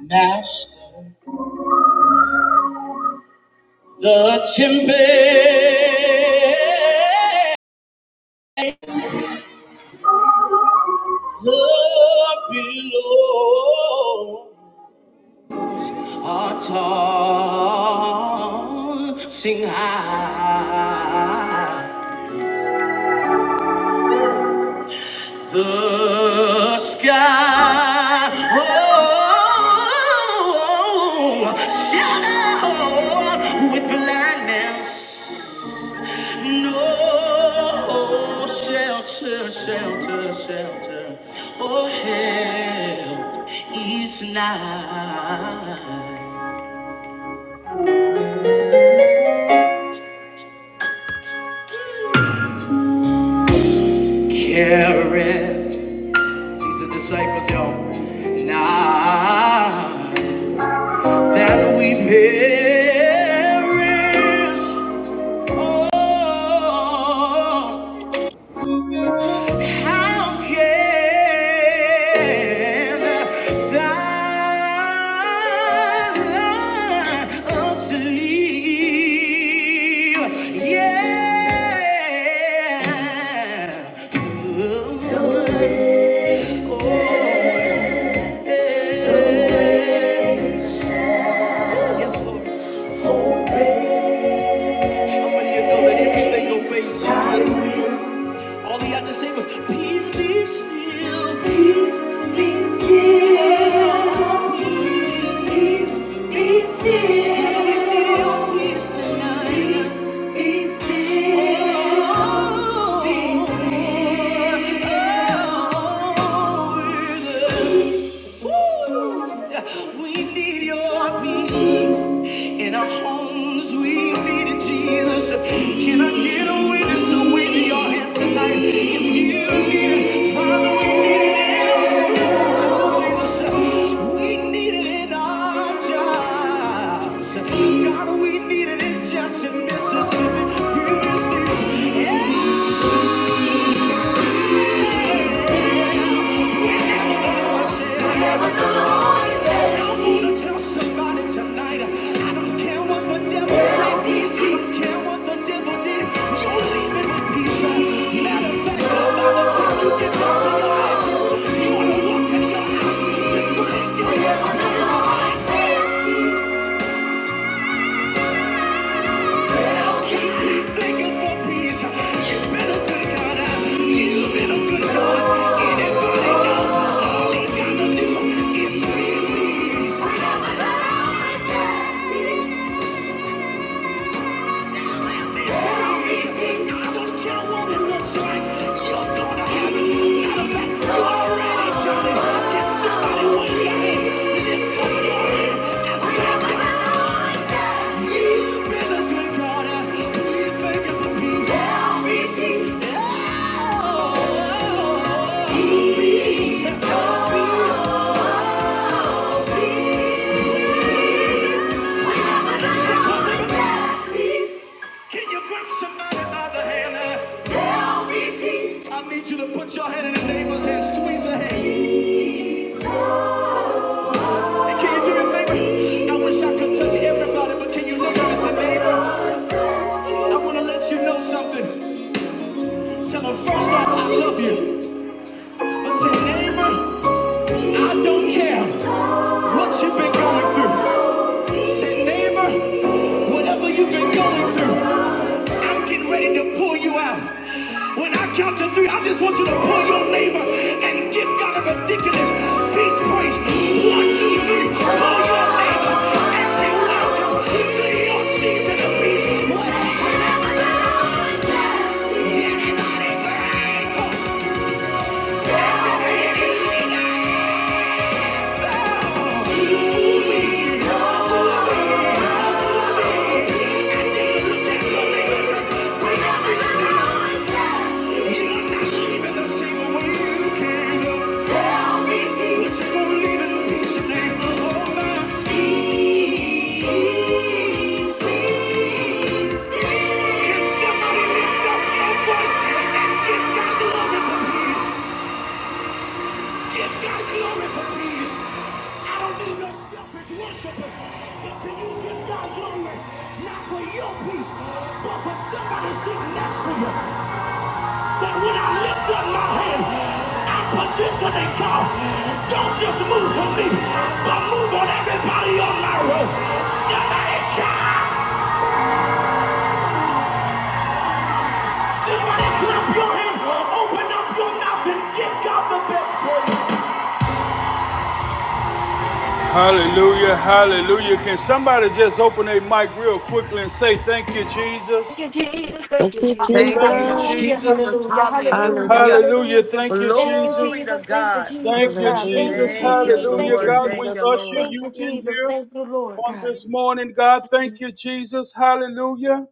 Master, the chimpanzee, the below, our tongue sing high, the sky. Oh, oh, oh, shadow with blindness. No shelter, shelter, shelter, or help is nigh. Careth, she's the disciples, y'all. Now that we perish, oh, How can thou sleep? Yeah. Oh, yeah. Yes, Lord. How many you know that everything obeys Jesus? All he had to say was, Peace be still. Peace be still. Peace be still. So We need your peace tonight. Peace be still. Peace be still. We need your peace in our homes. We need it, Jesus. Can I get a witness to wave your hand tonight? If you need it, Father, we need it in our schools, We need it in our jobs. God, we need it in Jackson, Mississippi. Previously, You wanna Thank you. Anybody know all he going to do is sweet peace. I don't care what it looks like. You're gonna have it. Matter of fact, you already got it. Can somebody wave your hand? Lift up your hand and thank God. You've been a good God. We thank you for peace. Tell me peace. Oh, peace. Peace. Can you grab somebody by the hand? I need you to put your hand in the neighbor's hand, squeeze her hand. And can you do me a favor? I wish I could touch everybody, but can you look at us a neighbor? I want to let you know something. Tell her first off, I love you. But say, neighbor, I don't care what you've been going through. Say, neighbor, whatever you've been going through. I'm getting ready to pull you out. When I count to three, I just want you to pull your neighbor and give God a ridiculous peace praise. One, two, three. Pull your neighbor and say, Welcome to your season of peace. Anybody grateful? Is there anything I found? Ooh, we found. Can somebody lift up your voice and give God glory for peace? Give God glory for these. I don't need no selfish worshipers, but can you give God glory? Not for your peace, but for somebody sitting next to you. That when I lift up my hand, I'm petitioning God. Don't just move for me, but move on everybody on my road. Somebody shout. Somebody clap your hand. Open up your mouth and give God the best praise. Hallelujah, hallelujah. Can somebody just open their mic real quickly and say, Thank you, Jesus? Thank you, Yeah, Thank thank you, you, Jesus. Jesus. Jesus. Hallelujah. Hallelujah. Hallelujah, thank you, Jesus. Glory to God. Thank you, Jesus. Hallelujah. Thank Thank you, you, Hallelujah, Lord. Jesus. God. We Thank you, usher Lord. you in here on this morning, God. Thank you, Jesus. Hallelujah.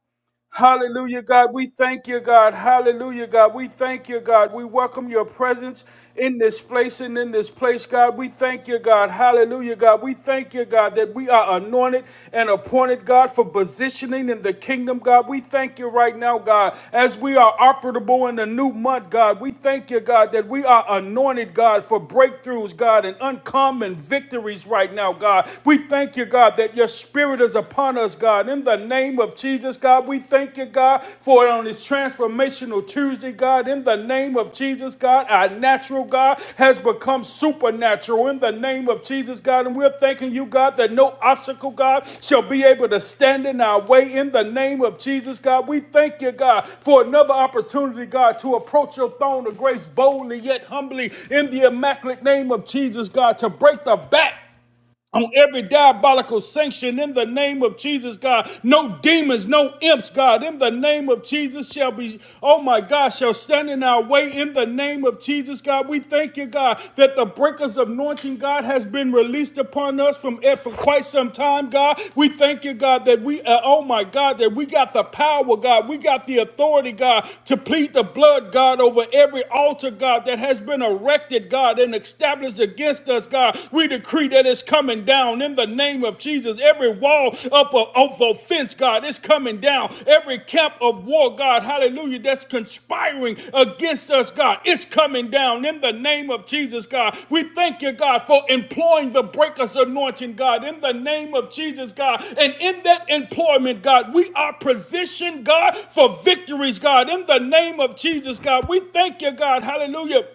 Hallelujah, God. We thank you, God. Hallelujah, God. We thank you, God. We welcome your presence in this place and in this place, God. We thank you, God. Hallelujah, God. We thank you, God, that we are anointed and appointed, God, for positioning in the kingdom, God. We thank you right now, God, as we are operable in the new month, God. We thank you, God, that we are anointed, God, for breakthroughs, God, and uncommon victories right now, God. We thank you, God, that your spirit is is upon us, God. In the name of Jesus, God, we thank you, God, for it on this transformational Tuesday, God. In the name of Jesus, God, our natural God has become supernatural. In the name of Jesus, God, and we're thanking you, God, that no obstacle, God, shall be able to stand in our way. In the name of Jesus, God, we thank you, God, for another opportunity, God, to approach your throne of grace boldly yet humbly in the immaculate name of Jesus, God, to break the back on every diabolical sanction in the name of Jesus, God. No demons, no imps, God, in the name of Jesus shall be, oh my God, shall stand in our way in the name of Jesus, God. We thank you, God, that the breakers of anointing, God, has been released upon us from eh, for quite some time, God. We thank you, God, that we, uh, oh my God, that we got the power, God. We got the authority, God, to plead the blood, God, over every altar, God, that has been erected, God, and established, against us, God, we decree that it's coming down in the name of Jesus. Every wall up of, of offense, God, it's coming down. Every camp of war, God, hallelujah, that's conspiring against us, God, it's coming down in the name of Jesus, God. We thank you, God, for employing the breakers anointing, God, in the name of Jesus, God. And in that employment, God, we are positioned, God, for victories, God, in the name of Jesus, God. We thank you, God, hallelujah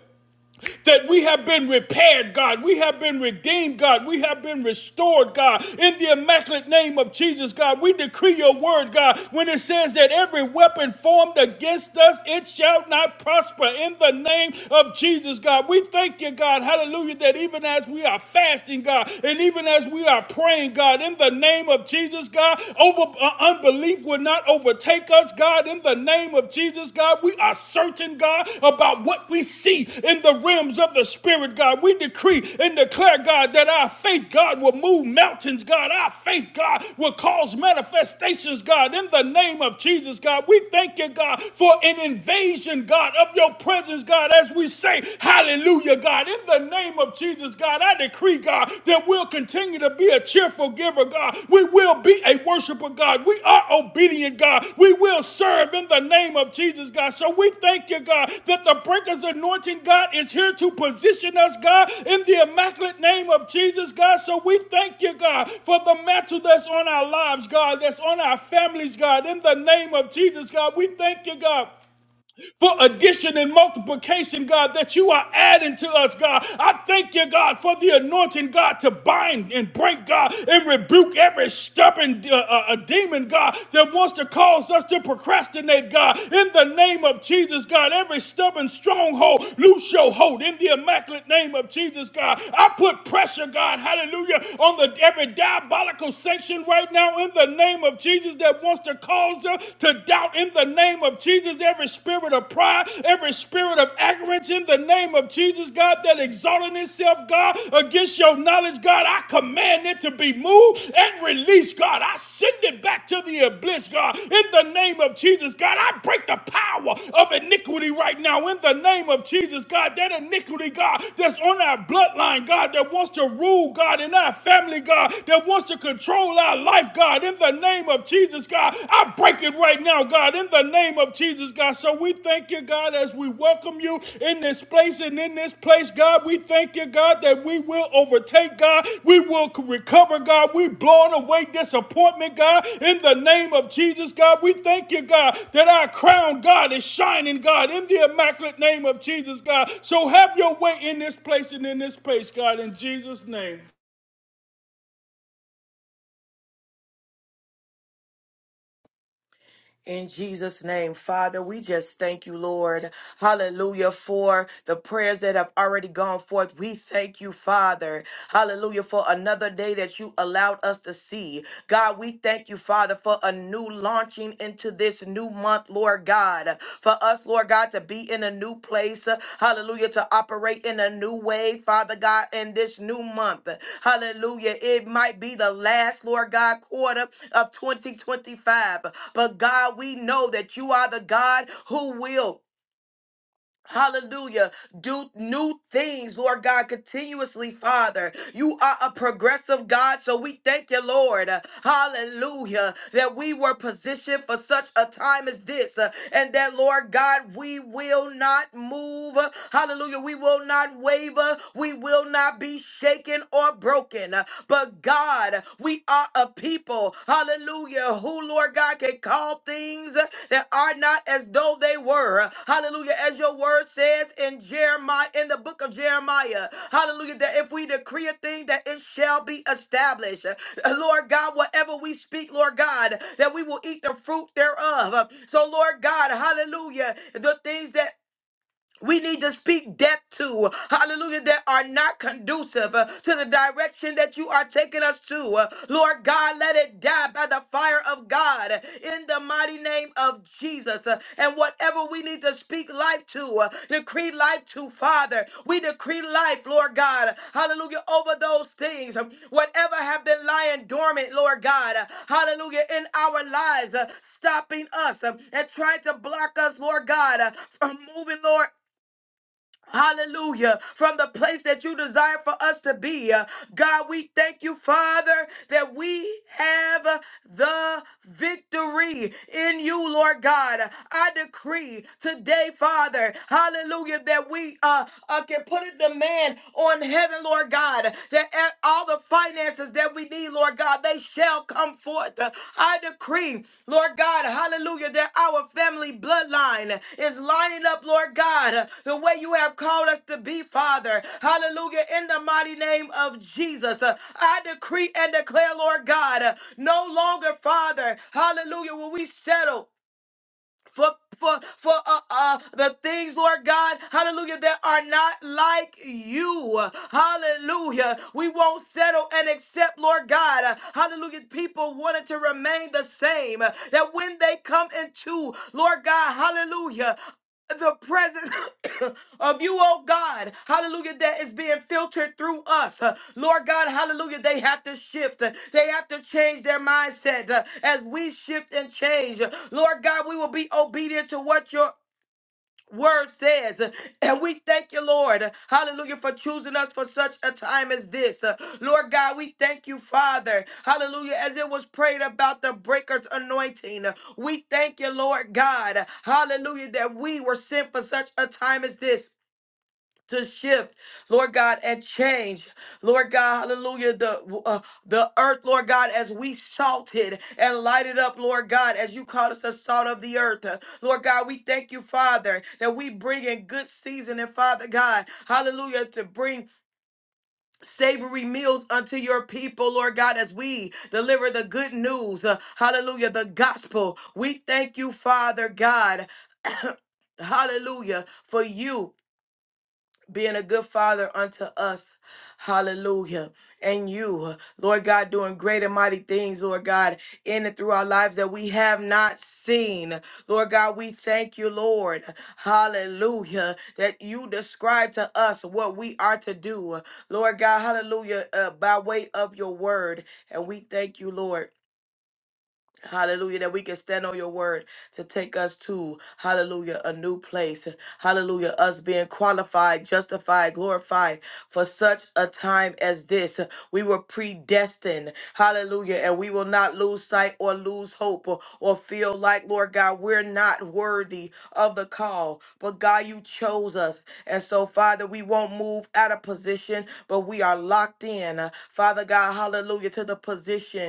that we have been repaired, God. We have been redeemed, God. We have been restored, God. In the immaculate name of Jesus, God, we decree your word, God, when it says that every weapon formed against us, it shall not prosper. In the name of Jesus, God, we thank you, God. Hallelujah, that even as we are fasting, God, and even as we are praying, God, in the name of Jesus, God, over uh, unbelief will not not overtake us, God, in the name of Jesus, God. We are certain, God, about what we see in the realms of the Spirit, God. We decree and declare, God, that our faith, God, will move mountains, God. Our faith, God, will cause manifestations, God, in the name of Jesus, God. We thank you, God, for an invasion, God, of your presence, God, as we say, Hallelujah, God. In the name of Jesus, God, I declare decree, God, that we'll continue to be a cheerful giver, God. We will be a worshiper, God. We are obedient, God. We will serve in the name of Jesus, God. So we thank you, God, that the breakers anointing, God, is here to position us, God, in the immaculate name of Jesus, God. So we thank you, God, for the mantle that's on our lives, God, that's on our families, God, in the name of Jesus, God. We thank you, God for addition and multiplication, God, that you are adding to us, God. I thank you, God, for the anointing, God, to bind and break, God, and rebuke every stubborn uh, uh, uh, demon, God, that wants to cause us to procrastinate, God. In the name of Jesus, God, every stubborn stronghold, loose your hold. In the immaculate name of Jesus, God, I put pressure, God, hallelujah, on the every diabolical sanction right now in the name of Jesus that wants to cause us to doubt in the name of Jesus. Every spirit of pride, every spirit of arrogance in the name of Jesus, God, that exalted itself, God, against your knowledge, God, I command it to be moved and released, God. I send it back to the abyss, God, in the name of Jesus, God. I break the power of iniquity right now in the name of Jesus, God. That iniquity, God, that's on our bloodline, God, that wants to rule, God, in our family, God, that wants to control our life, God, in the name of Jesus, God. I break it right now, God, in the name of Jesus, God. So we thank you, God, as we welcome you in this place and in this place, God. We thank you, God, that we will overtake, God. We will recover, God. We blowing away disappointment, God, in the name of Jesus, God. We thank you, God, that our crown, God, is shining, God, in the immaculate name of Jesus, God. So have your way in this place and in this place, God, in Jesus' name. In Jesus' name, Father, we just thank you, Lord. Hallelujah for the prayers that have already gone forth. We thank you, Father. Hallelujah for another day that you allowed us to see. God, we thank you, Father, for a new launching into this new month, Lord God. For us, Lord God, to be in a new place. uh, Hallelujah. To operate in a new way, Father God, in this new month. Hallelujah. It might be the last, Lord God, quarter of 2025. But God, we know that you are the God who will. Hallelujah. Do new things, Lord God, continuously, Father. You are a progressive God, so we thank you, Lord. Hallelujah. That we were positioned for such a time as this, uh, and that, Lord God, we will not move. Hallelujah. We will not waver. We will not be shaken or broken. But, God, we we are a people, hallelujah, who, Lord God, can call things that are not as though they were. Hallelujah. As your word says in Jeremiah, in the book of Jeremiah, hallelujah, that if we decree a thing, that it shall be established. Uh, Lord God, whatever we speak, Lord God, that we will eat the fruit thereof. So, Lord God, hallelujah, the things that we need to speak death to, hallelujah, that are not conducive uh, to the direction that you are taking us to. Uh, Lord God, let it die by the fire of God uh, in the mighty name of Jesus. Uh, and whatever we need to speak life to, uh, decree life to, Father, we decree life, Lord God, hallelujah, over those things, um, whatever have been lying dormant, Lord God, uh, hallelujah, in our lives, uh, stopping us um, and trying to block us, Lord God, uh, from moving, Lord. Hallelujah. From the place that you desire for us to be. Uh, God, we thank you, Father, that we have uh, the victory in you, Lord God. I decree today, Father, hallelujah, that we uh, uh, can put a demand on heaven, Lord God, that e- all the finances answers that we need, Lord God, they shall come forth. Uh, I decree, Lord God, hallelujah, that our family bloodline is lining up, Lord God, uh, the way you have called us to be, Father. Hallelujah, in the mighty name of Jesus. Uh, I decree and declare, Lord God, uh, no longer, Father, hallelujah, will we settle for for for uh, uh the things lord god hallelujah that are not like you hallelujah we won't settle and accept lord god hallelujah people wanted to remain the same that when they come into lord god hallelujah the presence of you, oh God, hallelujah, that is being filtered through us. Uh, Lord God, hallelujah, they have to shift. Uh, They have to change their mindset uh, as we shift and change. Uh, Lord God, we will be obedient to what your word says. And we thank you, Lord, hallelujah, for choosing us for such a time as this. Uh, Lord God, we thank you, Father, hallelujah, as it was prayed about the breaker's anointing. Uh, We thank you, Lord God, hallelujah, that we were sent for such a time as this to shift, Lord God, and change, Lord God, hallelujah, the uh, the earth, Lord God, as we salted and lighted up, Lord God, as you called us the salt of the earth, Uh, Lord God, we thank you, Father, that we bring in good season, and Father God, hallelujah, to bring. Savory meals unto your people, Lord God, as we deliver the good news, uh, hallelujah, the gospel. We thank you, Father God, hallelujah, for you being a good father unto us. Hallelujah. And you, Lord God, doing great and mighty things, Lord God, in and through our lives that we have not seen. Lord God, we thank you, Lord. Hallelujah. That you describe to us what we are to do. Lord God, hallelujah, uh, by way of your word. And we thank you, Lord. Hallelujah, that we can stand on your word to take us to, hallelujah, a new place. Hallelujah, us being qualified, justified, glorified for such a time as this. We were predestined, hallelujah, and we will not lose sight or lose hope or, or feel like, Lord God, we're not worthy of the call. But God, you chose us. And so, Father, we won't move out of position, but we are locked in, Father God, hallelujah, to the position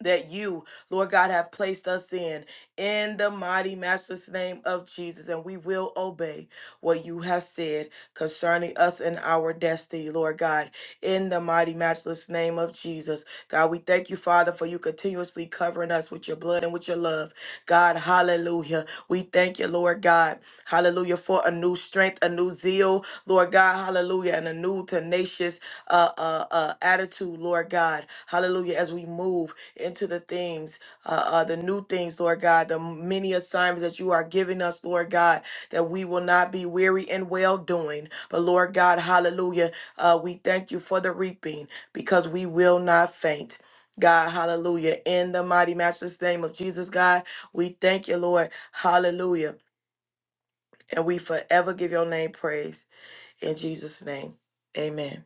that you, Lord God, have placed us in, in the mighty, matchless name of Jesus. And we will obey what you have said concerning us and our destiny, Lord God, in the mighty, matchless name of Jesus. God, we thank you, Father, for you continuously covering us with your blood and with your love. God, hallelujah. We thank you, Lord God, hallelujah, for a new strength, a new zeal, Lord God, hallelujah, and a new tenacious uh, uh, uh, attitude, Lord God, hallelujah, as we move into the things, uh, uh, the new things, Lord God, the many assignments that you are giving us, Lord God, that we will not be weary in well doing. But Lord God, hallelujah, uh, we thank you for the reaping because we will not faint. God, hallelujah. In the mighty master's name of Jesus, God, we thank you, Lord. Hallelujah. And we forever give your name praise. In Jesus' name, amen.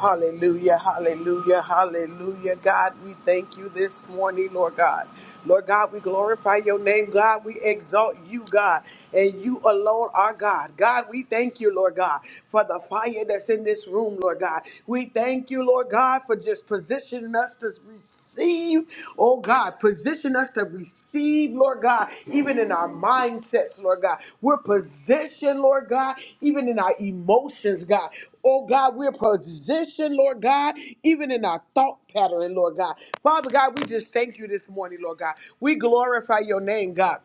Hallelujah, hallelujah, hallelujah. God, we thank you this morning, Lord God. Lord God, we glorify your name. God, we exalt you, God, and you alone are God. God, we thank you, Lord God, for the fire that's in this room, Lord God. We thank you, Lord God, for just positioning us to receive, oh God, position us to receive, Lord God, even in our mindsets, Lord God. We're positioned, Lord God, even in our emotions, God. Oh God, we're positioned, Lord God, even in our thought pattern, Lord God. Father God, we just thank you this morning, Lord God. We glorify your name, God.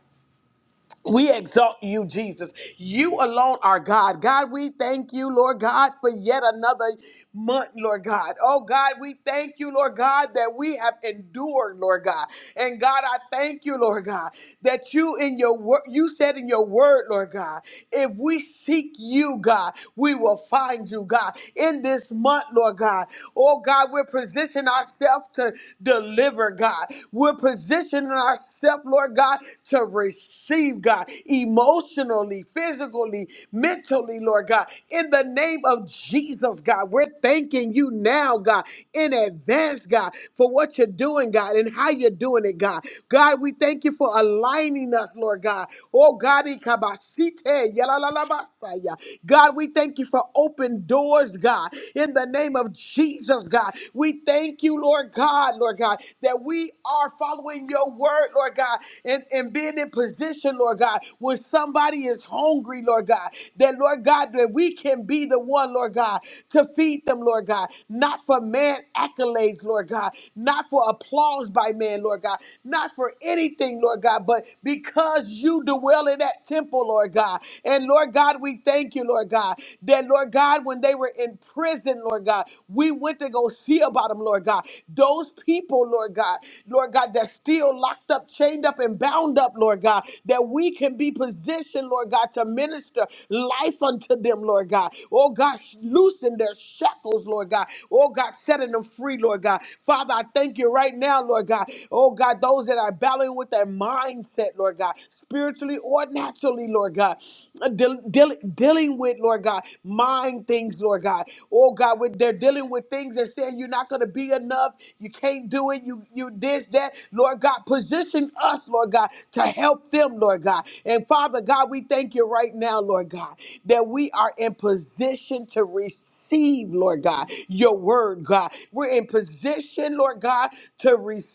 We exalt you, Jesus. You alone are God. God, we thank you, Lord God, for yet another month, Lord God. Oh, God, we thank you, Lord God, that we have endured, Lord God. And God, I thank you, Lord God, that you in your word, you said in your word, Lord God, if we seek you, God, we will find you, God. In this month, Lord God, oh, God, we're positioning ourselves to deliver, God. We're positioning ourselves, Lord God, to receive, God, emotionally, physically, mentally, Lord God. In the name of Jesus, God, we're thanking you now, God, in advance, God, for what you're doing, God, and how you're doing it, God. God, we thank you for aligning us, Lord God. Oh, God, ikabasite, yalalabasaya. God, we thank you for open doors, God, in the name of Jesus, God. We thank you, Lord God, Lord God, that we are following your word, Lord God, and, and being in position, Lord God, when somebody is hungry, Lord God, that, Lord God, that we can be the one, Lord God, to feed them, Lord God, not for man accolades, Lord God, not for applause by man, Lord God, not for anything, Lord God, but because you dwell in that temple, Lord God. And Lord God, we thank you, Lord God, that, Lord God, when they were in prison, Lord God, we went to go see about them, Lord God. Those people, Lord God, Lord God, that steal lives locked up, chained up, and bound up, Lord God, that we can be positioned, Lord God, to minister life unto them, Lord God. Oh God, loosen their shackles, Lord God. Oh God, setting them free, Lord God. Father, I thank you right now, Lord God. Oh God, those that are battling with their mindset, Lord God, spiritually or naturally, Lord God, uh, deal- deal- dealing with, Lord God, mind things, Lord God. Oh God, when they're dealing with things and saying you're not going to be enough, you can't do it, you you this that that, Lord God, position us, Lord God, to help them, Lord God. And Father God, we thank you right now, Lord God, that we are in position to receive, Receive, Lord God, your word, God. We're in position, Lord God, to receive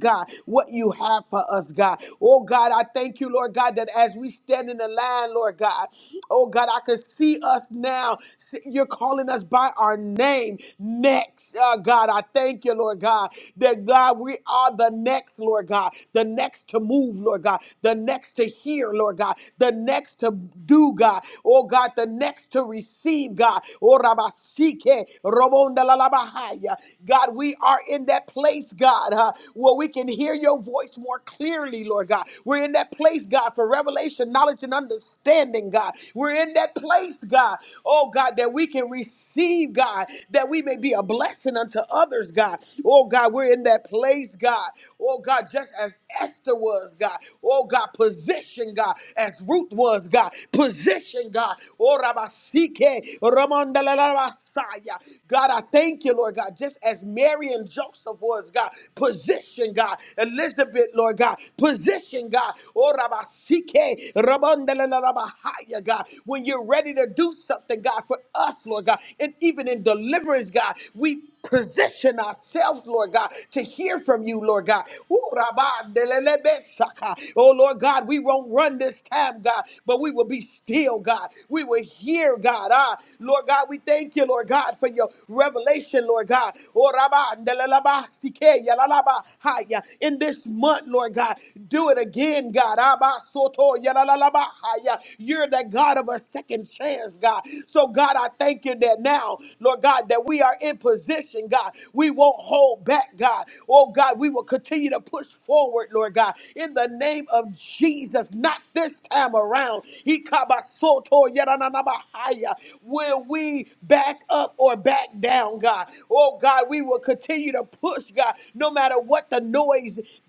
God, what you have for us, God. Oh, God, I thank you, Lord God, that as we stand in the line, Lord God, oh, God, I can see us now. You're calling us by our name next. Uh, God, I thank you, Lord God, that that God, we are the next, Lord God, the next to move, Lord God, the next to hear, Lord God, the next to do, God, oh God, the next to receive, God. Oh, Rabasike, Robonda la la Bahaya. God, we are in that place, God, huh, where we can hear your voice more clearly, Lord God. We're in that place, God, for revelation, knowledge, and understanding, God. We're in that place, God, oh God, that we can receive receive, God, that we may be a blessing unto others, God. Oh, God, we're in that place, God. Oh, God, just as Esther was, God. Oh, God, position, God, as Ruth was, God. Position, God. Oh, Rabasike, Ramondalalabasaya. God, I thank you, Lord God, just as Mary and Joseph was, God. Position, God. Elizabeth, Lord God. Position, God. Oh, Rabasike, Ramondalalabahaya, God. When you're ready to do something, God, for us, Lord. Lord God. And even in deliverance, God, we position ourselves, Lord God, to hear from you, Lord God. Ooh, rabba, delelebe, shaka. Oh, Lord God, we won't run this time, God, but we will be still, God. We will hear, God. Ah, Lord God, we thank you, Lord God, for your revelation, Lord God. Oh, rabba, delelaba, sike, yalalaba, haya. In this month, Lord God, do it again, God. Abba, soto, yalalaba, haya. You're the God of a second chance, God. So, God, God, I thank you that now, Lord God, that we are in position, God. We won't hold back, God. Oh, God, we will continue to push forward, Lord God, in the name of Jesus, not this time around. He kabasoto yarananabahaya. Will we back up or back down, God? Oh, God, we will continue to push, God, no matter what the noise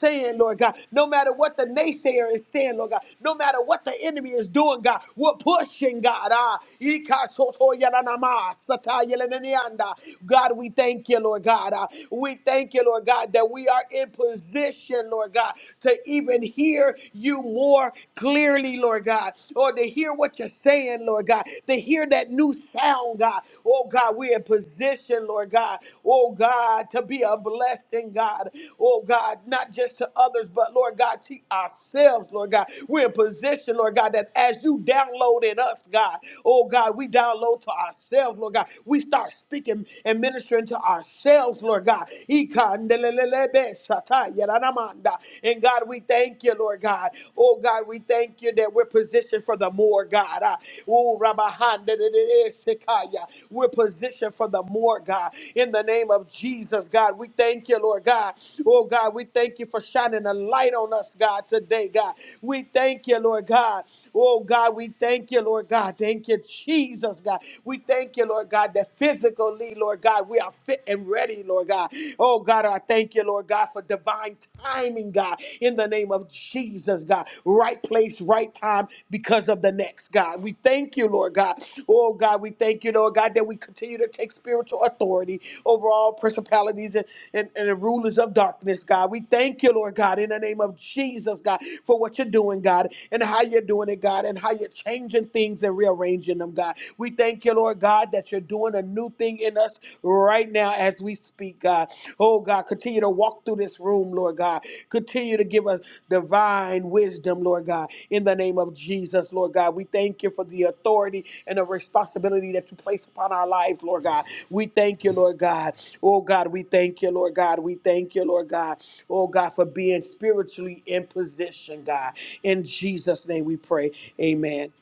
saying, Lord God, no matter what the naysayer is saying, Lord God, no matter what the enemy is doing, God, we're pushing, God. Ah, Ika soto yaranama, sata yelenenianda. God, we thank you, Lord God. Ah, we thank you, Lord God, that we are in position, Lord God, to even hear you more clearly, Lord God, or to hear what you're saying, Lord God, to hear that new sound, God. Oh, God, we're in position position, Lord God, oh God, to be a blessing, God, oh God, not just to others, but Lord God, to ourselves, Lord God. We're in position, Lord God, that as you download in us, God, oh God, we download to ourselves, Lord God. We start speaking and ministering to ourselves, Lord God. Ikandelelebe sataya ranamanda. And God, we thank you, Lord God. Oh God, we thank you that we're positioned for the furthermore, God. Uh, oh, Rabahanda de de de Sekaya. We're positioned for the more, God. In the name of Jesus, God, we thank you, Lord God. Oh, God, we thank you for shining a light on us, God, today, God. We thank you, Lord God. Oh, God, we thank you, Lord God. Thank you, Jesus, God. We thank you, Lord God, that physically, Lord God, we are fit and ready, Lord God. Oh, God, I thank you, Lord God, for divine timing, God, in the name of Jesus, God. Right place, right time because of the next, God. We thank you, Lord God. Oh, God, we thank you, Lord God, that we continue to take spiritual authority over all principalities and, and, and the rulers of darkness, God. We thank you, Lord God, in the name of Jesus, God, for what you're doing, God, and how you're doing it, God, and how you're changing things and rearranging them, God. We thank you, Lord God, that you're doing a new thing in us right now as we speak, God. Oh, God, continue to walk through this room, Lord God. Continue to give us divine wisdom, Lord God, in the name of Jesus, Lord God. We thank you for the authority and the responsibility that you place upon our lives, Lord God. We thank you, Lord God. Oh, God, we thank you, Lord God. We thank you, Lord God. Oh, God, for being spiritually in position, God. In Jesus' name we pray. Amen.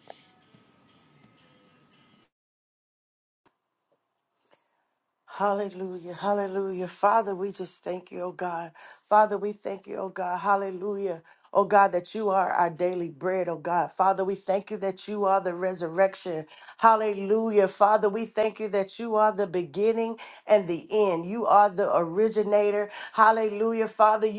Hallelujah, hallelujah. Father, we just thank you, oh God. Father, we thank you, oh God. Hallelujah. Oh God, that you are our daily bread, oh God. Father, we thank you that you are the resurrection. Hallelujah. Father, we thank you that you are the beginning and the end. You are the originator. Hallelujah.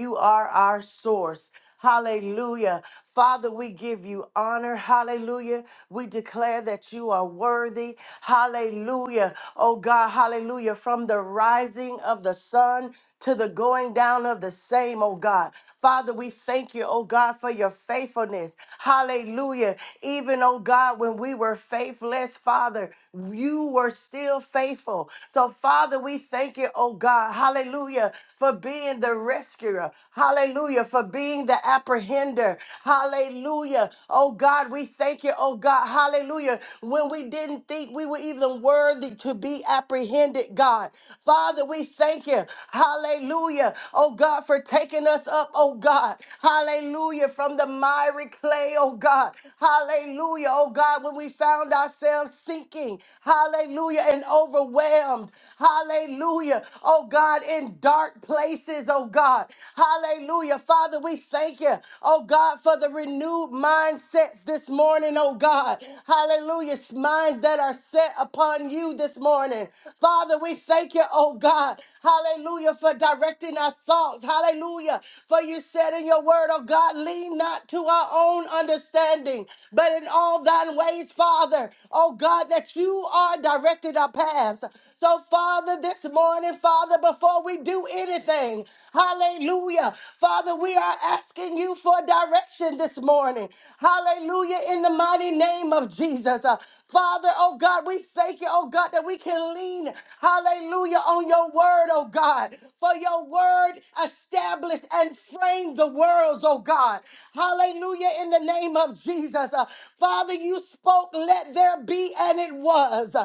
you are our source. Hallelujah. Father, we give you honor. Hallelujah. We declare that you are worthy. Hallelujah. Oh God, hallelujah. From the rising of the sun to the going down of the same, oh God. Father, we thank you, oh God, for your faithfulness. Hallelujah. Even, oh God, when we were faithless, Father, you were still faithful. So, Father, we thank you, oh God. Hallelujah. For being the restorer rescuer. Hallelujah. For being the apprehender. Hallelujah. Oh God, we thank you. Oh God. Hallelujah. When we didn't think we were even worthy to be apprehended, God. Father, we thank you. Hallelujah. Oh God, for taking us up. Oh God. Hallelujah. From the miry clay. Oh God. Hallelujah. Oh God, when we found ourselves sinking. Hallelujah. And overwhelmed. Hallelujah oh God, in dark places, oh God. Hallelujah. Father, we thank you, oh God, for the renewed mindsets this morning, oh God. Hallelujah. Minds that are set upon you this morning. Father, we thank you, oh God. Hallelujah, for directing our thoughts. Hallelujah. For you said in your word, oh God, lean not to our own understanding, but in all thine ways, Father, oh God, that you are directing our paths. So, Father, this morning, Father, before we do anything, hallelujah, Father, we are asking you for direction this morning. Hallelujah, in the mighty name of Jesus. Uh, Father, oh God, we thank you, oh God, that we can lean, hallelujah, on your word, oh God, for your word established and framed the worlds, oh God. Hallelujah, in the name of Jesus. Uh, Father, you spoke, let there be be and it was.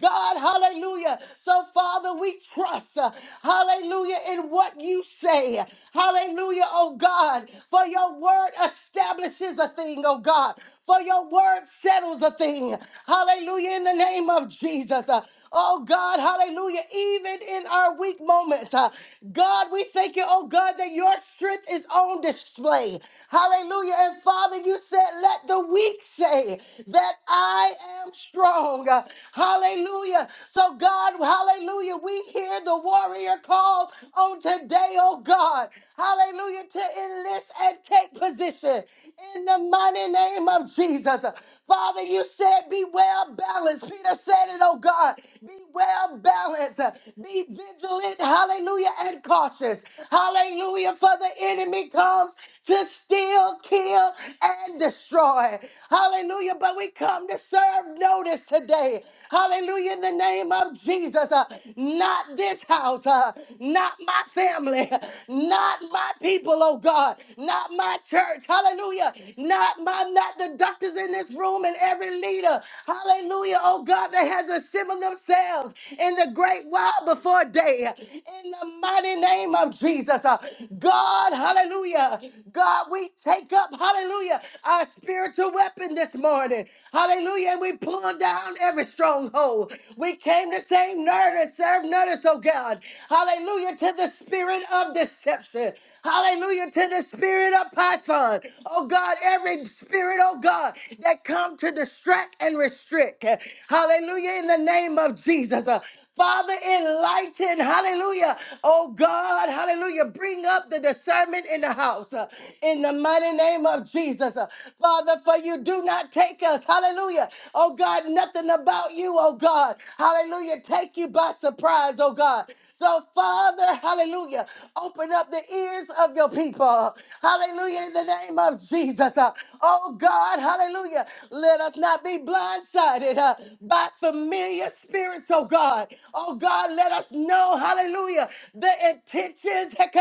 God, hallelujah. So, Father, we trust, uh, hallelujah, in what you say. Hallelujah, oh God, for your word establishes a thing, oh God, for your word settles a thing. Hallelujah, in the name of Jesus. Oh God, hallelujah. Even in our weak moments, uh, God, we thank you, oh God, that your strength is on display. Hallelujah. And Father, you said, let the weak say that I am strong. Uh, Hallelujah. So, God, hallelujah, we hear the warrior call on today, oh God. Hallelujah, to enlist and take position in the mighty name of Jesus. Father, you said be well balanced. Peter said it, oh God. Be well balanced. Be vigilant, hallelujah, and cautious. Hallelujah, for the enemy comes to steal, kill, and destroy. Hallelujah, but we come to serve notice today. Hallelujah, in the name of Jesus. Uh, not this house, uh, not my family, not my people, oh God, not my church. Hallelujah. Hallelujah. Not my, not the doctors in this room and every leader. Hallelujah. Oh God, that has assembled themselves in the great while before day. In the mighty name of Jesus. Uh, God, hallelujah. God, we take up, hallelujah, our spiritual weapon this morning. Hallelujah. And we pull down every stronghold. We came to say, notice, serve notice, oh God. Hallelujah to the spirit of deception. Hallelujah to the spirit of Python. Oh God, every spirit, oh God, that come to distract and restrict. Hallelujah in the name of Jesus. Uh, Father, enlighten, hallelujah. Oh God, hallelujah. Bring up the discernment in the house uh, in the mighty name of Jesus. Uh, Father, for you do not take us, hallelujah. Oh God, nothing about you, oh God. Hallelujah. Take you by surprise, oh God. So, Father, hallelujah, open up the ears of your people. Hallelujah, in the name of Jesus. Uh, Oh, God, hallelujah. Let us not be blindsided uh, by familiar spirits, oh God. Oh, God, let us know, hallelujah, the intentions.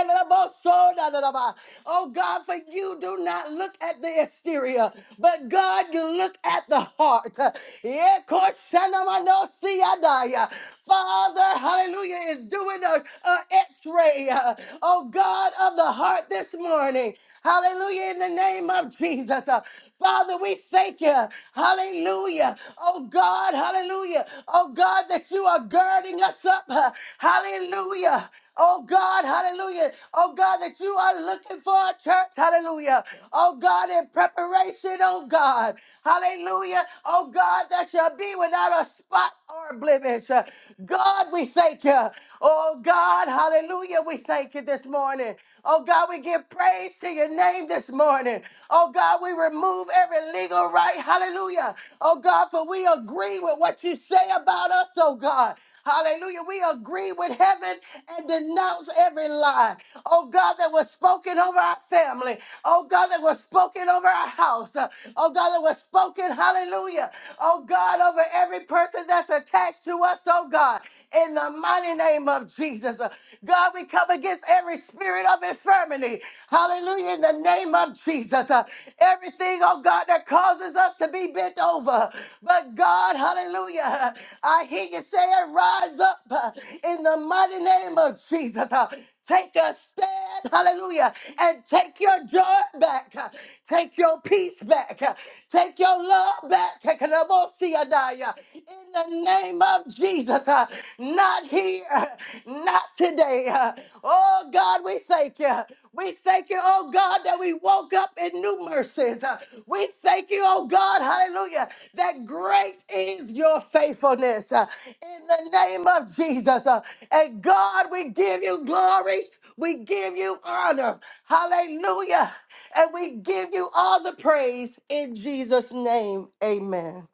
Oh, God, for you do not look at the exterior exterior, but God, you look at the heart. Yeah, koshanamanosia. Father, hallelujah, is doing a, a x-ray, uh, oh God of the heart this morning. Hallelujah, in the name of Jesus. Uh, Father, we thank you. Hallelujah. Oh God, hallelujah. Oh God, that you are girding us up up. uh, Hallelujah. Oh God, hallelujah. Oh God, that you are looking for a church. Hallelujah. Oh God, in preparation, oh God. Hallelujah. Oh God, that shall be without a spot or blemish. Uh, God, we thank you. Oh God, hallelujah. We thank you this morning. Oh God, we give praise to your name this morning. Oh God, we remove every legal right. Hallelujah. Oh God, for we agree with what you say about us, oh God. Hallelujah. We agree with heaven and denounce every lie. Oh God, that was spoken over our family. Oh God, that was spoken over our house. Uh, Oh God, that was spoken, hallelujah. Oh God, over every person that's attached to us, oh God. In the mighty name of Jesus. God, we come against every spirit of infirmity. Hallelujah. In the name of Jesus. Uh, everything, oh God, that causes us to be bent over. But God, hallelujah. I hear you saying, rise up uh, in the mighty name of Jesus. Uh, Take a stand, hallelujah, and take your joy back. uh, Take your peace back. uh, Take your love back. Kakanabosiadaya. In the name of Jesus, uh, not here. Not today. huh? Oh God, we thank you. We thank you, oh God, that we woke up in new mercies. Uh, We thank you, oh God, hallelujah, that great is your faithfulness uh, in the name of Jesus. Uh, And God, we give you glory. We give you honor. Hallelujah. And we give you all the praise in Jesus' name. Amen.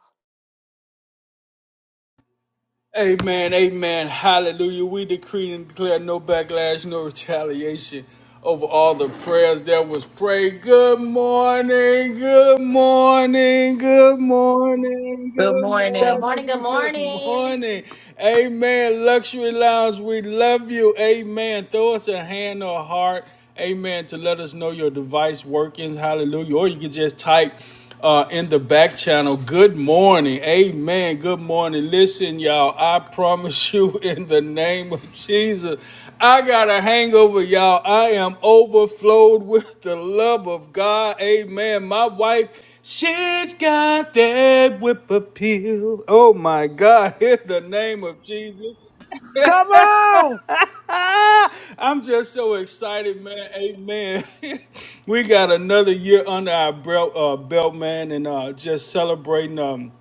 Amen, amen, hallelujah. We decree and declare no backlash, no retaliation over all the prayers that was prayed. Good morning, good morning, good morning, Good good morning. morning, good morning. Amen. Luxury Lounge, we love you. Amen. Throw us a hand or a heart. Amen. To let us know your device workings. Hallelujah. Or you can just type uh, in the back channel. Good morning. Amen. Good morning. Listen, y'all, I promise you in the name of Jesus, I got a hangover, y'all. I am overflowed with the love of God. Amen. My wife, she's got that whip appeal. Oh, my God. In the name of Jesus. Come on. I'm just so excited, man. Amen. we got another year under our belt, uh, belt man, and uh, just celebrating um,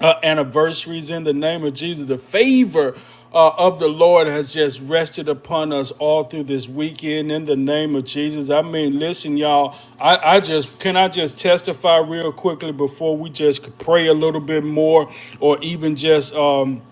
uh, anniversaries in the name of Jesus. The favor uh, of the Lord has just rested upon us all through this weekend in the name of Jesus. I mean, listen, y'all, I, I just can I just testify real quickly before we just pray a little bit more or even just. Um,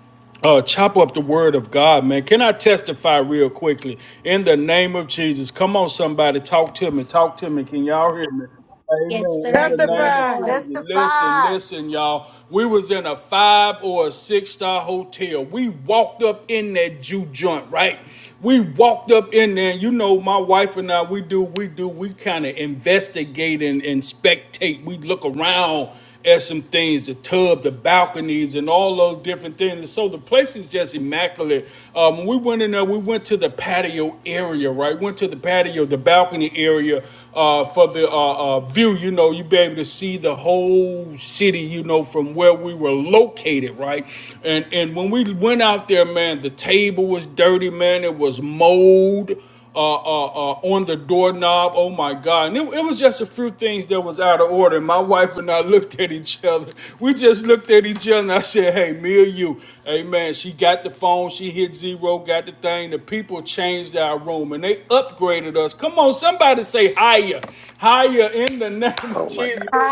uh, chop up the word of God, man. Can I testify real quickly? In the name of Jesus. Come on, somebody. Talk to me. Talk to me. Can y'all hear me? Amen. In the name of Testify. Jesus. Listen, Testify. listen, y'all. We was in a five or a six star hotel. We walked up in that Jew joint, right? We walked up in there, and you know, my wife and I, we do, we do, we kind of investigate and, and spectate. We look around at some things the tub, the balconies, and all those different things. And so the place is just immaculate. Um, when we went in there, we went to the patio area, right? Went to the patio, the balcony area uh, for the uh, uh, view. You know, you'd be able to see the whole city, you know, from where we were located, right? And, and when we went out there, man, the table was dirty, man. It was mold uh, uh, uh, on the doorknob. Oh my God. And it, it was just a few things that was out of order. And My wife and I looked at each other. We just looked at each other and I said, hey, me or you. Hey man, she got the phone. She hit zero, got the thing. The people changed our room and they upgraded us. Come on, somebody say higher. Higher in the name of Oh my Jesus.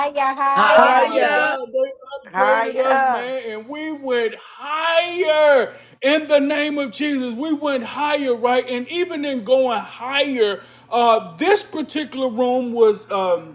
Oh God. my Hiya. Hiya. God, they upgraded us, Higher. man, and we went higher in the name of Jesus. We went higher, right? And even in going higher, uh, this particular room was. Um,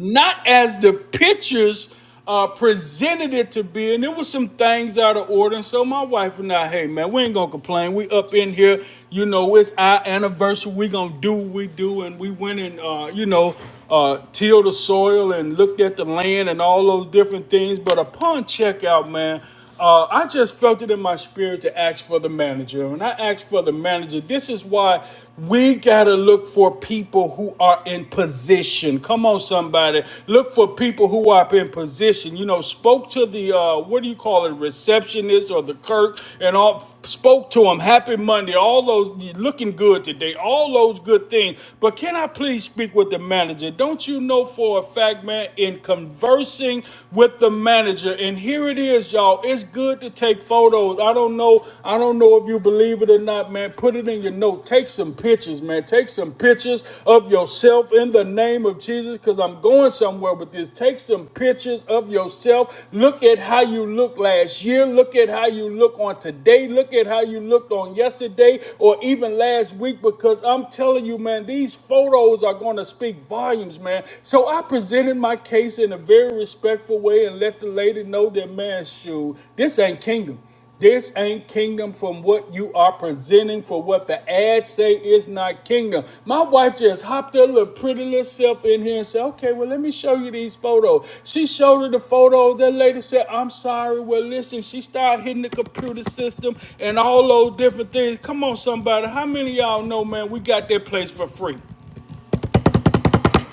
not as the pictures uh, presented it to be. And there was some things out of order. And so my wife and I, hey man, we ain't gonna complain. We up in here, you know, it's our anniversary. We gonna do what we do. And we went and uh, you know, uh, tilled the soil and looked at the land and all those different things. But upon checkout, man. Uh, I just felt it in my spirit to ask for the manager. And I asked for the manager. This is why we got to look for people who are in position. Come on, somebody. Look for people who are in position. You know, spoke to the, uh, what do you call it, receptionist or the clerk and all, spoke to them. Happy Monday. All those, you looking good today. All those good things. But can I please speak with the manager? Don't you know for a fact, man, in conversing with the manager. And here it is, y'all. It's good to take photos. I don't know. I don't know if you believe it or not, man. Put it in your note. Take some pictures, man. Take some pictures of yourself in the name of Jesus, because I'm going somewhere with this. Take some pictures of yourself. Look at how you looked last year. Look at how you look on today. Look at how you looked on yesterday or even last week, because I'm telling you, man, these photos are going to speak volumes, man. So so I presented my case in a very respectful way and let the lady know that man, shoot, this ain't kingdom. This ain't kingdom from what you are presenting for what the ads say is not kingdom. My wife just hopped her little pretty little self in here and said, okay, well, let me show you these photos. She showed her the photos. That lady said, I'm sorry. Well, listen, she started hitting the computer system and all those different things. Come on, somebody. How many of y'all know, man, we got that place for free?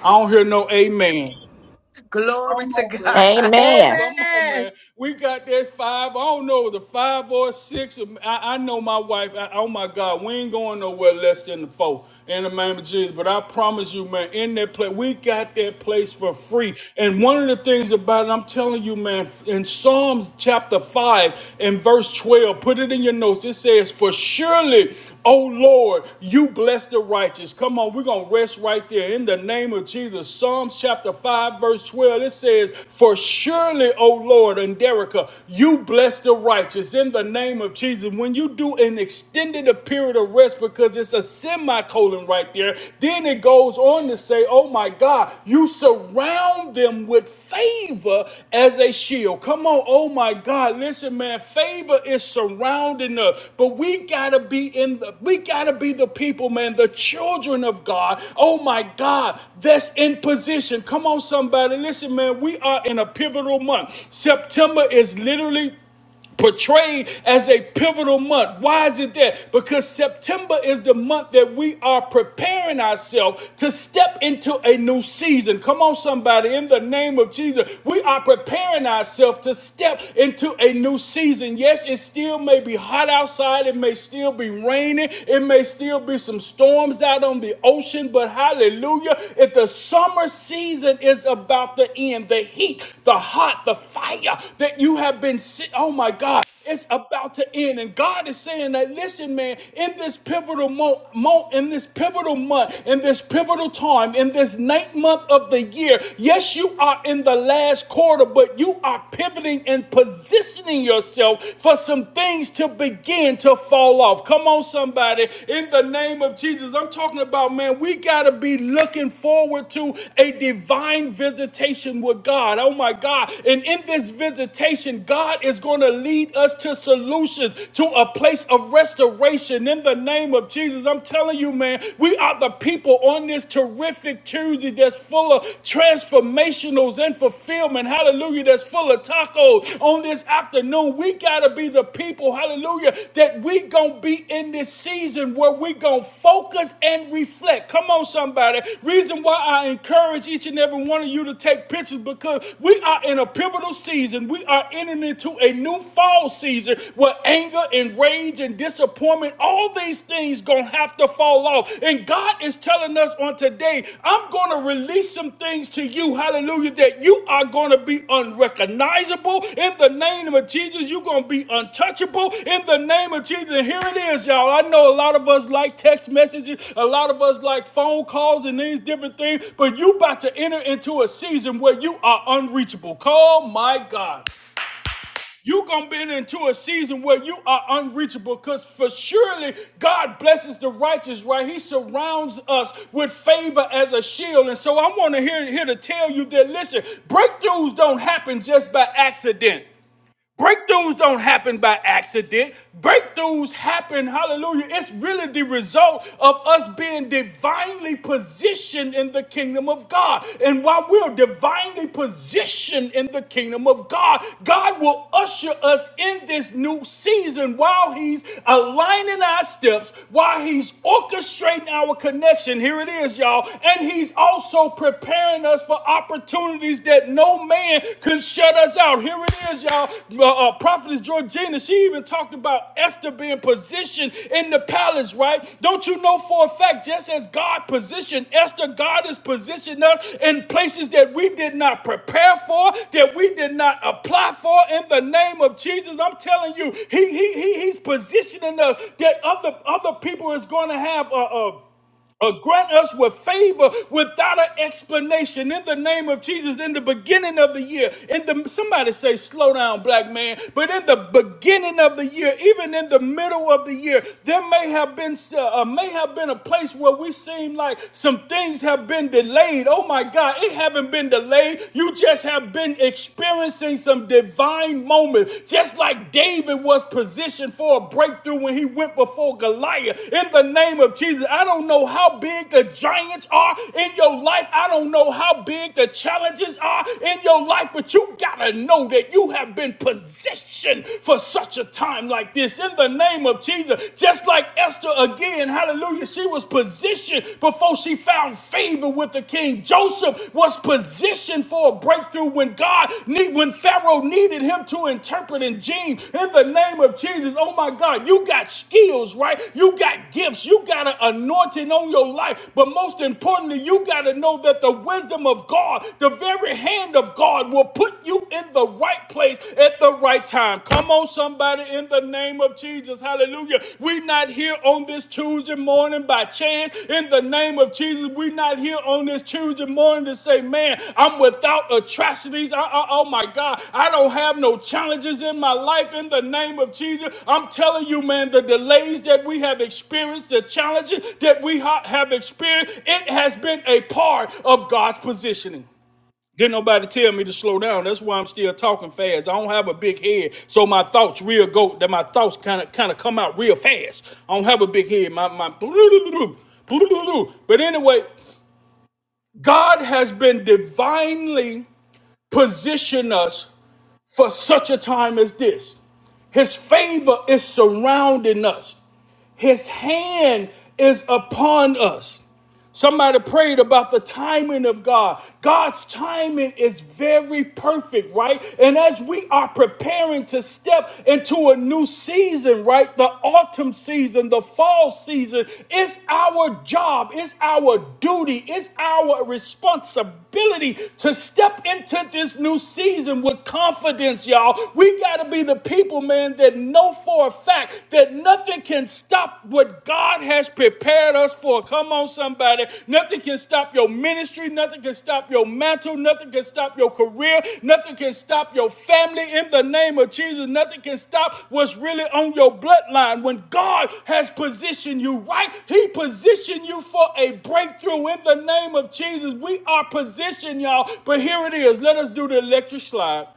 I don't hear no amen. Glory Come to on, man. God. Come on, Amen. Amen. man. We got that five. I don't know the five or six. I, I know my wife. I, oh my God, we ain't going nowhere less than the four in the name of Jesus. But I promise you, man, in that place, we got that place for free. And one of the things about it, I'm telling you, man, in Psalms chapter five and verse twelve, put it in your notes. It says, "For surely." Oh Lord, you bless the righteous. Come on, we're going to rest right there in the name of Jesus. Psalms chapter 5, verse 12, it says, For surely, O Lord, and Derica, you bless the righteous in the name of Jesus. When you do an extended a period of rest because it's a semicolon right there, then it goes on to say, Oh my God, you you surround them with favor as a shield. Come on, oh my God. Listen, man, favor is surrounding us. But we gotta be in the we gotta be the people, man, the children of God. Oh my God, that's in position. Come on, somebody. Listen, man, we are in a pivotal month. September is literally portrayed as a pivotal month. Why is it that? Because September is the month that we are preparing ourselves to step into a new season. Come on, somebody, in the name of Jesus, we are preparing ourselves to step into a new season season. Yes, it still may be hot outside. It may still be raining. It may still be some storms out on the ocean. But hallelujah, if the summer season is about to end, the heat, the hot, the fire that you have been, si- oh my God. It's about to end. And God is saying that, listen, man, in this pivotal mo- mo- in this pivotal month, in this pivotal time, in this ninth month of the year, yes, you are in the last quarter, but you are pivoting and positioning yourself for some things to begin to fall off. Come on, somebody. In the name of Jesus, I'm talking about, man, we got to be looking forward to a divine visitation with God. Oh, my God. And in this visitation, God is going to going to lead us to solutions, to a place of restoration in the name of Jesus. I'm telling you, man, we are the people on this terrific Tuesday that's full of transformationals and fulfillment. Hallelujah. That's full of tacos on this afternoon. We got to be the people, hallelujah, that we going to be in this season where we going to focus and reflect. Come on, somebody. Reason why I encourage each and every one of you to take pictures because we are in a pivotal season. We are entering into a new fall season where anger and rage and disappointment, all these things gonna have to fall off. And God is telling us on today, I'm gonna release some things to you, hallelujah, that you are gonna be unrecognizable in the name of Jesus. You're gonna be untouchable in the name of Jesus. And here it is, y'all. I know a lot of us like text messages, a lot of us like phone calls and these different things, but you about to enter into a season where you are unreachable. Call my God you gonna be into a season where you are unreachable because for surely God blesses the righteous, right? He surrounds us with favor as a shield. And so I want to hear here to tell you that listen, breakthroughs don't happen just by accident. Breakthroughs don't happen by accident. Breakthroughs happen, hallelujah. It's really the result of us being divinely positioned in the kingdom of God. And while we're divinely positioned in the kingdom of God, God will usher us in this new season while He's aligning our steps, while He's orchestrating our connection. Here it is, y'all. And He's also preparing us for opportunities opportunities that no man could shut us out. Here it is, y'all. Uh, uh, Prophetess Georgina, she even talked about Esther being positioned in the palace, right? Don't you know for a fact, just as God positioned Esther, God is positioned us in places that we did not prepare for, that we did not apply for in the name of Jesus. I'm telling you, he, he, he, he's positioning us that other, other people is going to have a, a uh, grant us with favor without an explanation in the name of Jesus in the beginning of the year. In the somebody say slow down, black man, but in the beginning of the year, even in the middle of the year, there may have been uh, uh, may have been a place where we seem like some things have been delayed. Oh my God, it haven't been delayed. You just have been experiencing some divine moments. Just like David was positioned for a breakthrough when he went before Goliath. In the name of Jesus, I don't know how big the giants are in your life. I don't know how big the challenges are in your life, but you gotta know that you have been positioned for such a time like this. In the name of Jesus, just like Esther again, hallelujah, she was positioned before she found favor even with the king. Joseph was positioned for a breakthrough when God, need, when Pharaoh needed him to interpret in Gene, in the name of Jesus. Oh my God, you got skills, right? You got gifts. You got an anointing on your life. But most importantly, you got to know that the wisdom of God, the very hand of God, will put you in the right place at the right time. Come on, somebody, in the name name of Jesus. Hallelujah. We're not here on this Tuesday morning by chance. In the name of Jesus, we're not here on this Tuesday morning to say, man, I'm without atrocities. I, I- oh my God, I don't have no challenges in my life. In the name of Jesus, I'm telling you, man, the delays that we have experienced, the challenges that we ha- have experienced, it has been a part of God's positioning. Didn't nobody tell me to slow down. That's why I'm still talking fast. I don't have a big head, so my thoughts real go. That my thoughts kind of kind of come out real fast. I don't have a big head. My my. But anyway, God has been divinely positioned us for such a time as this. His favor is surrounding us. His hand is upon us. Somebody prayed about the timing of God. God's timing is very perfect, right? And as we are preparing to step into a new season, right? The autumn season, the fall season, it's our job, it's our duty, it's our responsibility to step into this new season with confidence, y'all. We got to be the people, man, that know for a fact that that nothing can stop what God has prepared us for. Come on, somebody. Nothing can stop your ministry. Nothing can stop your mantle. Nothing can stop your career. Nothing can stop your family in the name of Jesus. Nothing can stop what's really on your bloodline. When God has positioned you right, He positioned you for a breakthrough in the name of Jesus. We are positioned, y'all. But here it is. Let us do the electric slide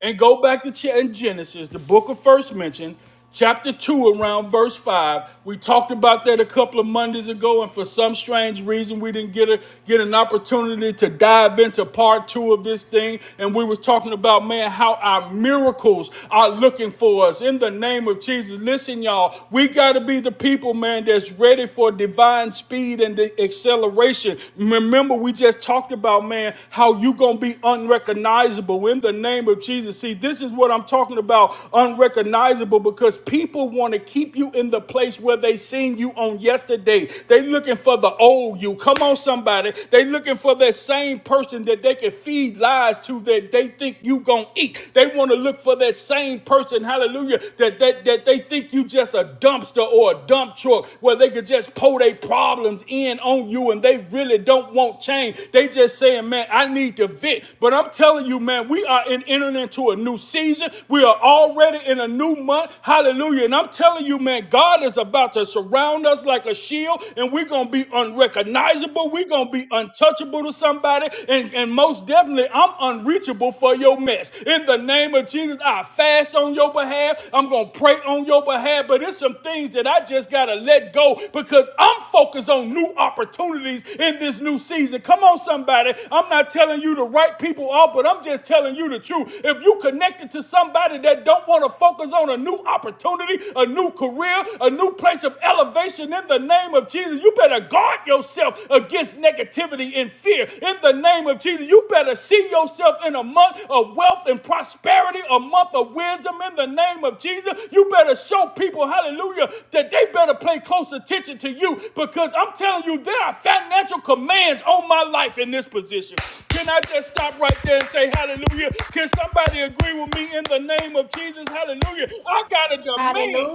and go back to Ch- in Genesis, the book of first mention, chapter 2, around verse 5. We talked about that a couple of Mondays ago, and for some strange reason, we didn't get a get an opportunity to dive into part two of this thing. And we was talking about, man, how our miracles are looking for us in the name of Jesus. Listen, y'all, we gotta be the people, man, that's ready for divine speed and the acceleration. Remember, we just talked about, man, how you going to be unrecognizable in the name of Jesus. See, this is what I'm talking about unrecognizable because people want to keep you in the place where they seen you on yesterday. They looking for the old you. Come on, somebody. They looking for that same person that they can feed lies to that they think you going to eat. They want to look for that same person, hallelujah, that, that, that they think you just a dumpster or a dump truck where they could just pour their problems in on you and they really don't want change. They just saying, man, I need to vent. But I'm telling you, man, we are in, entering into a new season. We are already in a new month. Hallelujah. And I'm telling you, man, God is about to surround us like a shield and we're going to be unrecognizable. We're going to be untouchable to somebody. And, and most definitely, I'm unreachable for your man mess. In the name of Jesus, I fast on your behalf. I'm going to pray on your behalf. But it's some things that I just got to let go because I'm focused on new opportunities in this new season. Come on, somebody. I'm not telling you to write people off, but I'm just telling you the truth. If you connected to somebody that don't want to focus on a new opportunity, a new career, a new place of elevation in the name of Jesus, you better guard yourself against negativity and fear. In the name of Jesus, you better see yourself in a month of wealth and prosperity, a month of wisdom. In the name of Jesus, you better show people, hallelujah, that they better pay close attention to you because I'm telling you, there are financial commands on my life in this position. Can I just stop right there and say hallelujah? Can somebody agree with me in the name of Jesus? Hallelujah. I got a demand.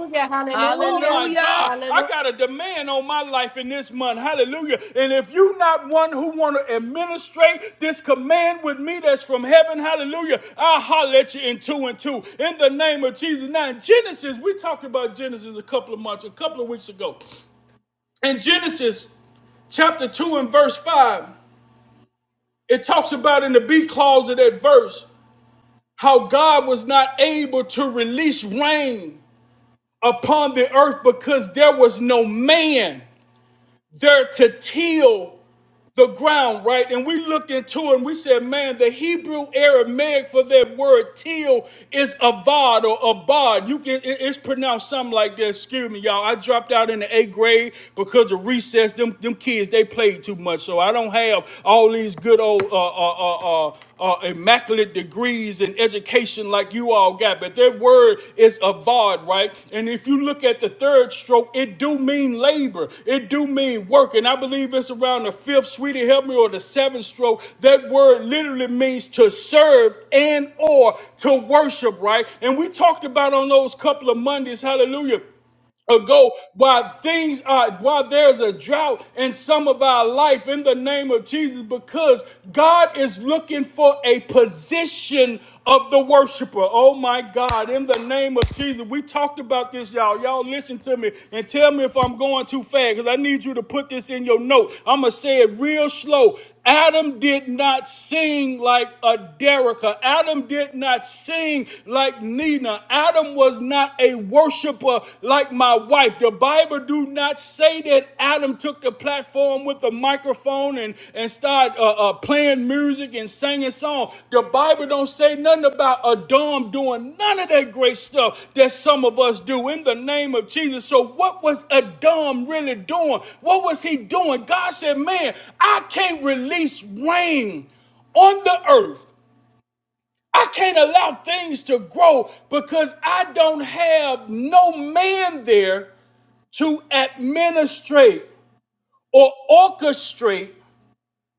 Oh my Hallelujah. God, I got a demand on my life in this month. Hallelujah. And if you not one who want to administrate this command with me that's from heaven, hallelujah, I'll holler at you in two and two in the name of Jesus. Now in Genesis, we talked about Genesis a couple of months, a couple of weeks ago. In Genesis chapter 2 and verse 5, it talks about in the B clause of that verse how God was not able to release rain upon the earth because there was no man. They're to till the ground, right? And we looked into it and we said, man, the Hebrew Aramaic for that word till is avad or abad. You can it's pronounced something like that. Excuse me, y'all. I dropped out in the eighth grade because of recess. Them them kids they played too much, so I don't have all these good old uh uh uh. uh uh, immaculate degrees in education like you all got, but their word is avod, right? And if you look at the third stroke, it do mean labor, it do mean work, and I believe it's around the fifth, sweetie, help me, or the seventh stroke. That word literally means to serve and or to worship, right? And we talked about on those couple of Mondays, hallelujah ago while things are while there's a drought in some of our life in the name of Jesus because God is looking for a position of the worshiper. Oh my God, in the name of Jesus. We talked about this y'all. Y'all listen to me and tell me if I'm going too fast cuz I need you to put this in your note. I'm going to say it real slow. Adam did not sing like a Derica. Adam did not sing like Nina. Adam was not a worshiper like my wife. The Bible do not say that Adam took the platform with a microphone and, and started uh, uh, playing music music and singing song. The Bible don't say nothing about Adam doing none of that great stuff that some of us do in the name of Jesus. So what was Adam really doing? What was he doing? God said, "Man, I can't release rain on the earth. I can't allow things to grow because I don't have no man there to administrate or orchestrate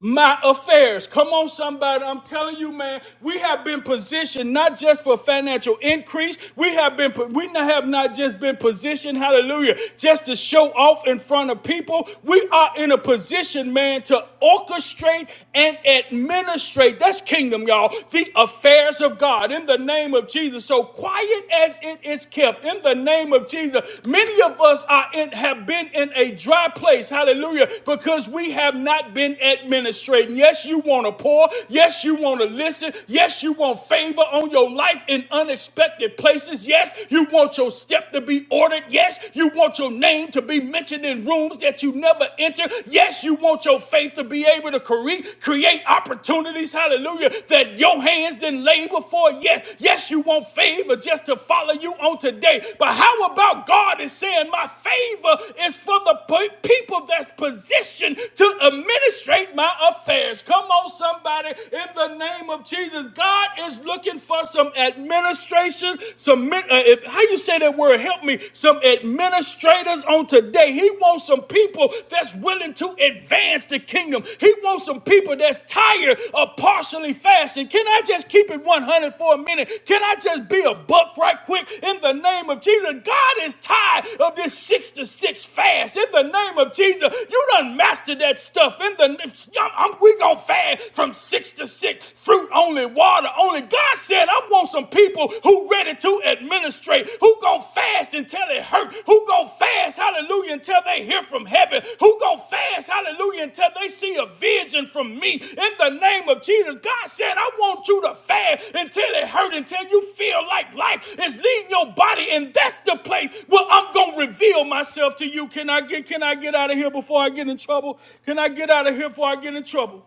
my affairs. Come on, somebody. I'm telling you, man, we have been positioned not just for financial increase. We have been, we not- have not just been positioned, hallelujah, just to show off in front of people. We are in a position, man, to orchestrate and administrate. That's kingdom, y'all. The affairs of God in the name of Jesus. So quiet as it is kept in the name of Jesus. Many of us are in, have been in a dry place, hallelujah, because we have not been administrating. Yes, you want to pour. Yes, you want to listen. Yes, you want favor on your life in unexpected places. Yes, you want your step to be ordered. Yes, you want your name to be mentioned in rooms that you never enter. Yes, you want your faith to be able to cre- create opportunities, hallelujah, that your your hands did labor for it. Yes, yes, you want favor just to follow you on today. But how about God is saying, My favor is for the people that's positioned to administrate my affairs. Come on, somebody, in the name of Jesus. God is looking for some administration, some, uh, uh, how you say that word? Help me. Some administrators on today. He wants some people that's willing to advance the kingdom. He wants some people that's tired of partially fasting. Can I just keep it 100 for a minute? Can I just be a buck right quick in the name of Jesus? God is tired of this six to six fast in the name of Jesus. You done mastered that stuff in the I'm, I'm- we gonna fast from six to six, fruit only, water only. God said, I want some people who ready to who administrate, who gonna fast until it hurt, who gonna fast, hallelujah, until they hear from heaven, who gonna fast, hallelujah, until they see a vision from me in the name of Jesus. God said, I want you to fast until it hurt, until you feel like life is leaving your body, and that's the place where I'm gonna reveal myself to you. Can I get can I get out of here before I get in trouble? Can I get out of here before I get in trouble?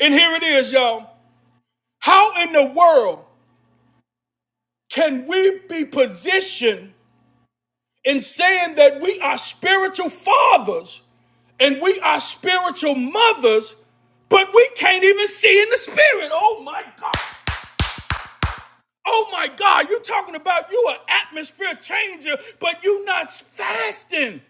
And here it is, y'all. How in the world can we be positioned? in saying that we are spiritual fathers and we are spiritual mothers, but we can't even see in the spirit. Oh my God. Oh my God. You're talking about you an atmosphere changer, but you are not fasting.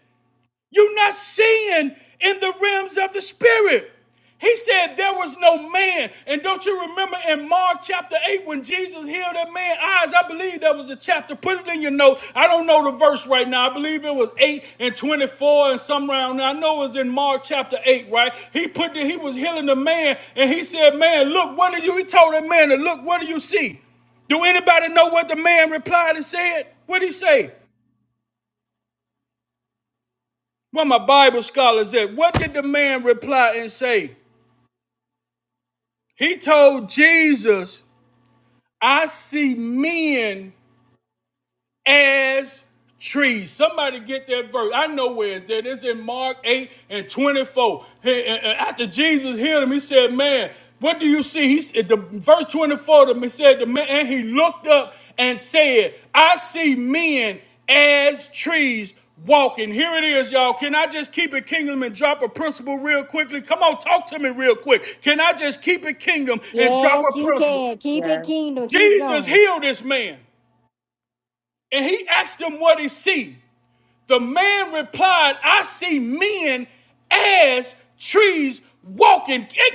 You're not seeing in the realms of the spirit. He said there was no man. And don't you remember in Mark chapter 8 when Jesus healed that man's eyes? I believe that was a chapter. Put it in your notes. I don't know the verse right now. I believe it was 8 and 24 and some round. there. I know it was in Mark chapter 8, right? He put the, he was healing the man and he said, Man, look, what do you? He told that man to look, what do you see? Do anybody know what the man replied and said? What did he say? Where my Bible scholars at? What did the man reply and say? He told Jesus, I see men as trees. Somebody get that verse. I know where it's at. It's in Mark 8 and 24. Hey, after Jesus healed him, he said, Man, what do you see? He said, the verse 24 to me said, the man, and he looked up and said, I see men as trees walking. Here it is, y'all. Can I just keep it kingdom and drop a principle real quickly? Come on, talk to me real quick. Can I just keep it kingdom and drop a principle? Yes. Jesus healed this man and he asked him what he see. The man replied, I see men as trees walking. Can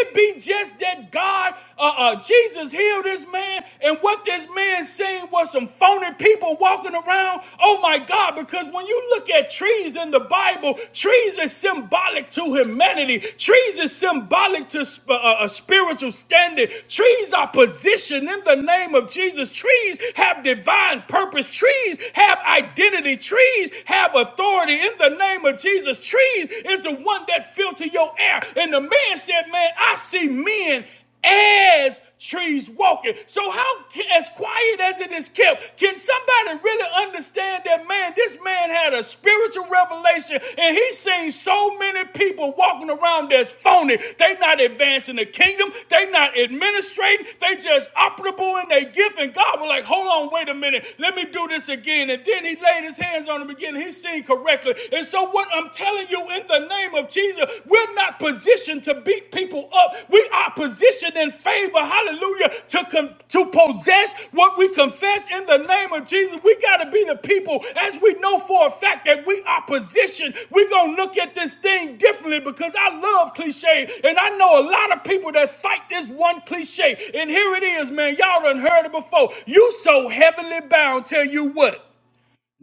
it be just that God, uh, uh, Jesus healed this man, and what this man saying was some phony people walking around? Oh my God, because when you look at trees in the Bible, trees is symbolic to humanity, trees is symbolic to sp- uh, uh, spiritual standing, trees are positioned in the name of Jesus, trees have divine purpose, trees have identity. Literally, trees have authority in the name of Jesus. Trees is the one that filter your air. And the man said, Man, I see men as trees walking. So how as quiet as it is kept, can somebody really understand that man, this man had a spiritual revelation and he's seen so many people walking around that's phony. They not advancing the kingdom. They not administrating. They just operable in their gift. And God was like, hold on, wait a minute. Let me do this again. And then he he laid his hands on him again, he seen correctly. And so, what I'm telling you in the name of Jesus, we're not positioned to beat people up. We are positioned in favor, hallelujah, to, con- to possess what we confess in the name of Jesus. We got to be the people, as we know for a fact that we are positioned. We're going to look at this thing differently because I love cliche. And I know a lot of people that fight this one cliche. And here it is, man. Y'all done heard it before. You so heavenly bound, tell you what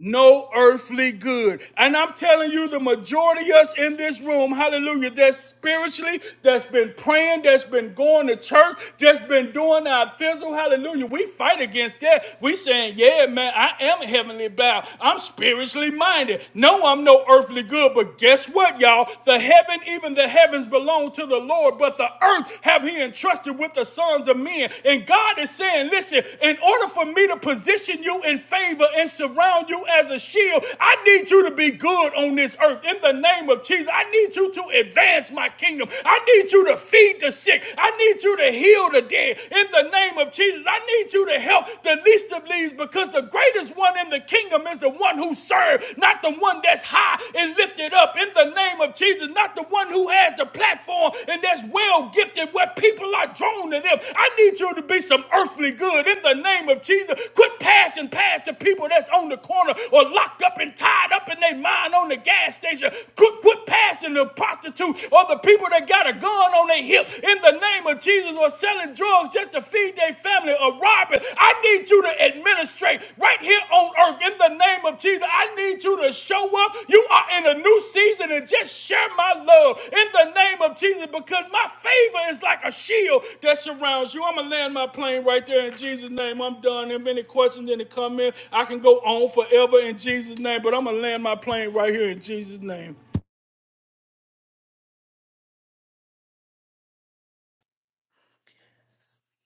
no earthly good. And I'm telling you, the majority of us in this room, hallelujah, that's spiritually, that's been praying, that's been going to church, that's been doing our thistle, hallelujah. We fight against that. We saying, yeah, man, I am heavenly bound. I'm spiritually minded. No, I'm no earthly good. But guess what, y'all? The heaven, even the heavens belong to the Lord, but the earth have he entrusted entrusted with the sons of men. And God is saying, listen, in order for me to position you in favor and surround you as a shield, I need you to be good on this earth. In the name of Jesus, I need you to advance my kingdom. I need you to feed the sick. I need you to heal the dead. In the name of Jesus, I need you to help the least of these because the greatest one in the kingdom is the one who serves, not the one one that's high and lifted up in the name of Jesus, not the one who has the platform and that's well gifted where people are drawn to them. I need you to be some earthly good in the name of Jesus. Quit passing past the people that's on the corner or locked up and tied up in their mind on the gas station. Quit, quit passing the prostitute or the people that got a gun on their hip in the name of Jesus or selling drugs just to feel feed their family or robbing. I need you to administrate right here on earth in the name of Jesus. I need you to show up. You are in a new season and just share my love in the name of Jesus because my favor is like a shield that surrounds you. I'm going to land my plane right there in Jesus' name. I'm done. If any questions, any comments, I can go on forever in Jesus' name, but I'm going to land my plane right here in Jesus' name.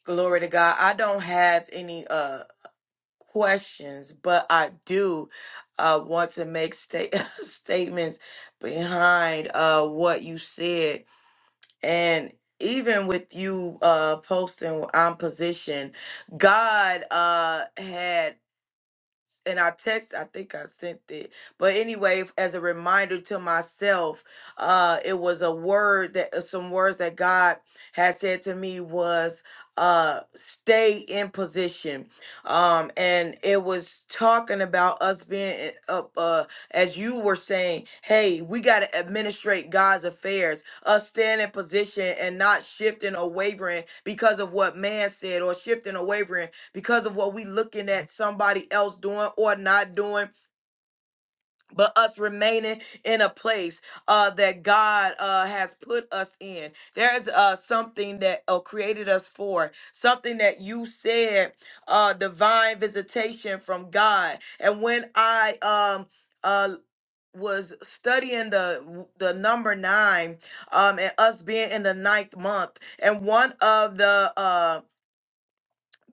Glory to God. I don't have any uh questions, but I do uh want to make sta- statements behind uh what you said and even with you uh posting I'm positioned, God uh had and I text, I think I sent it. But anyway, f- as a reminder to myself, uh, it was a word that uh, some words that God had said to me was uh stay in position. Um, and it was talking about us being in- up uh as you were saying, hey, we gotta administrate God's affairs, us staying in position and not shifting or wavering because of what man said or shifting or wavering because of what we looking at somebody else doing or not doing but us remaining in a place uh, that god uh, has put us in there's uh, something that uh, created us for something that you said uh, divine visitation from god and when i um, uh, was studying the the number nine um and us being in the ninth month and one of the uh,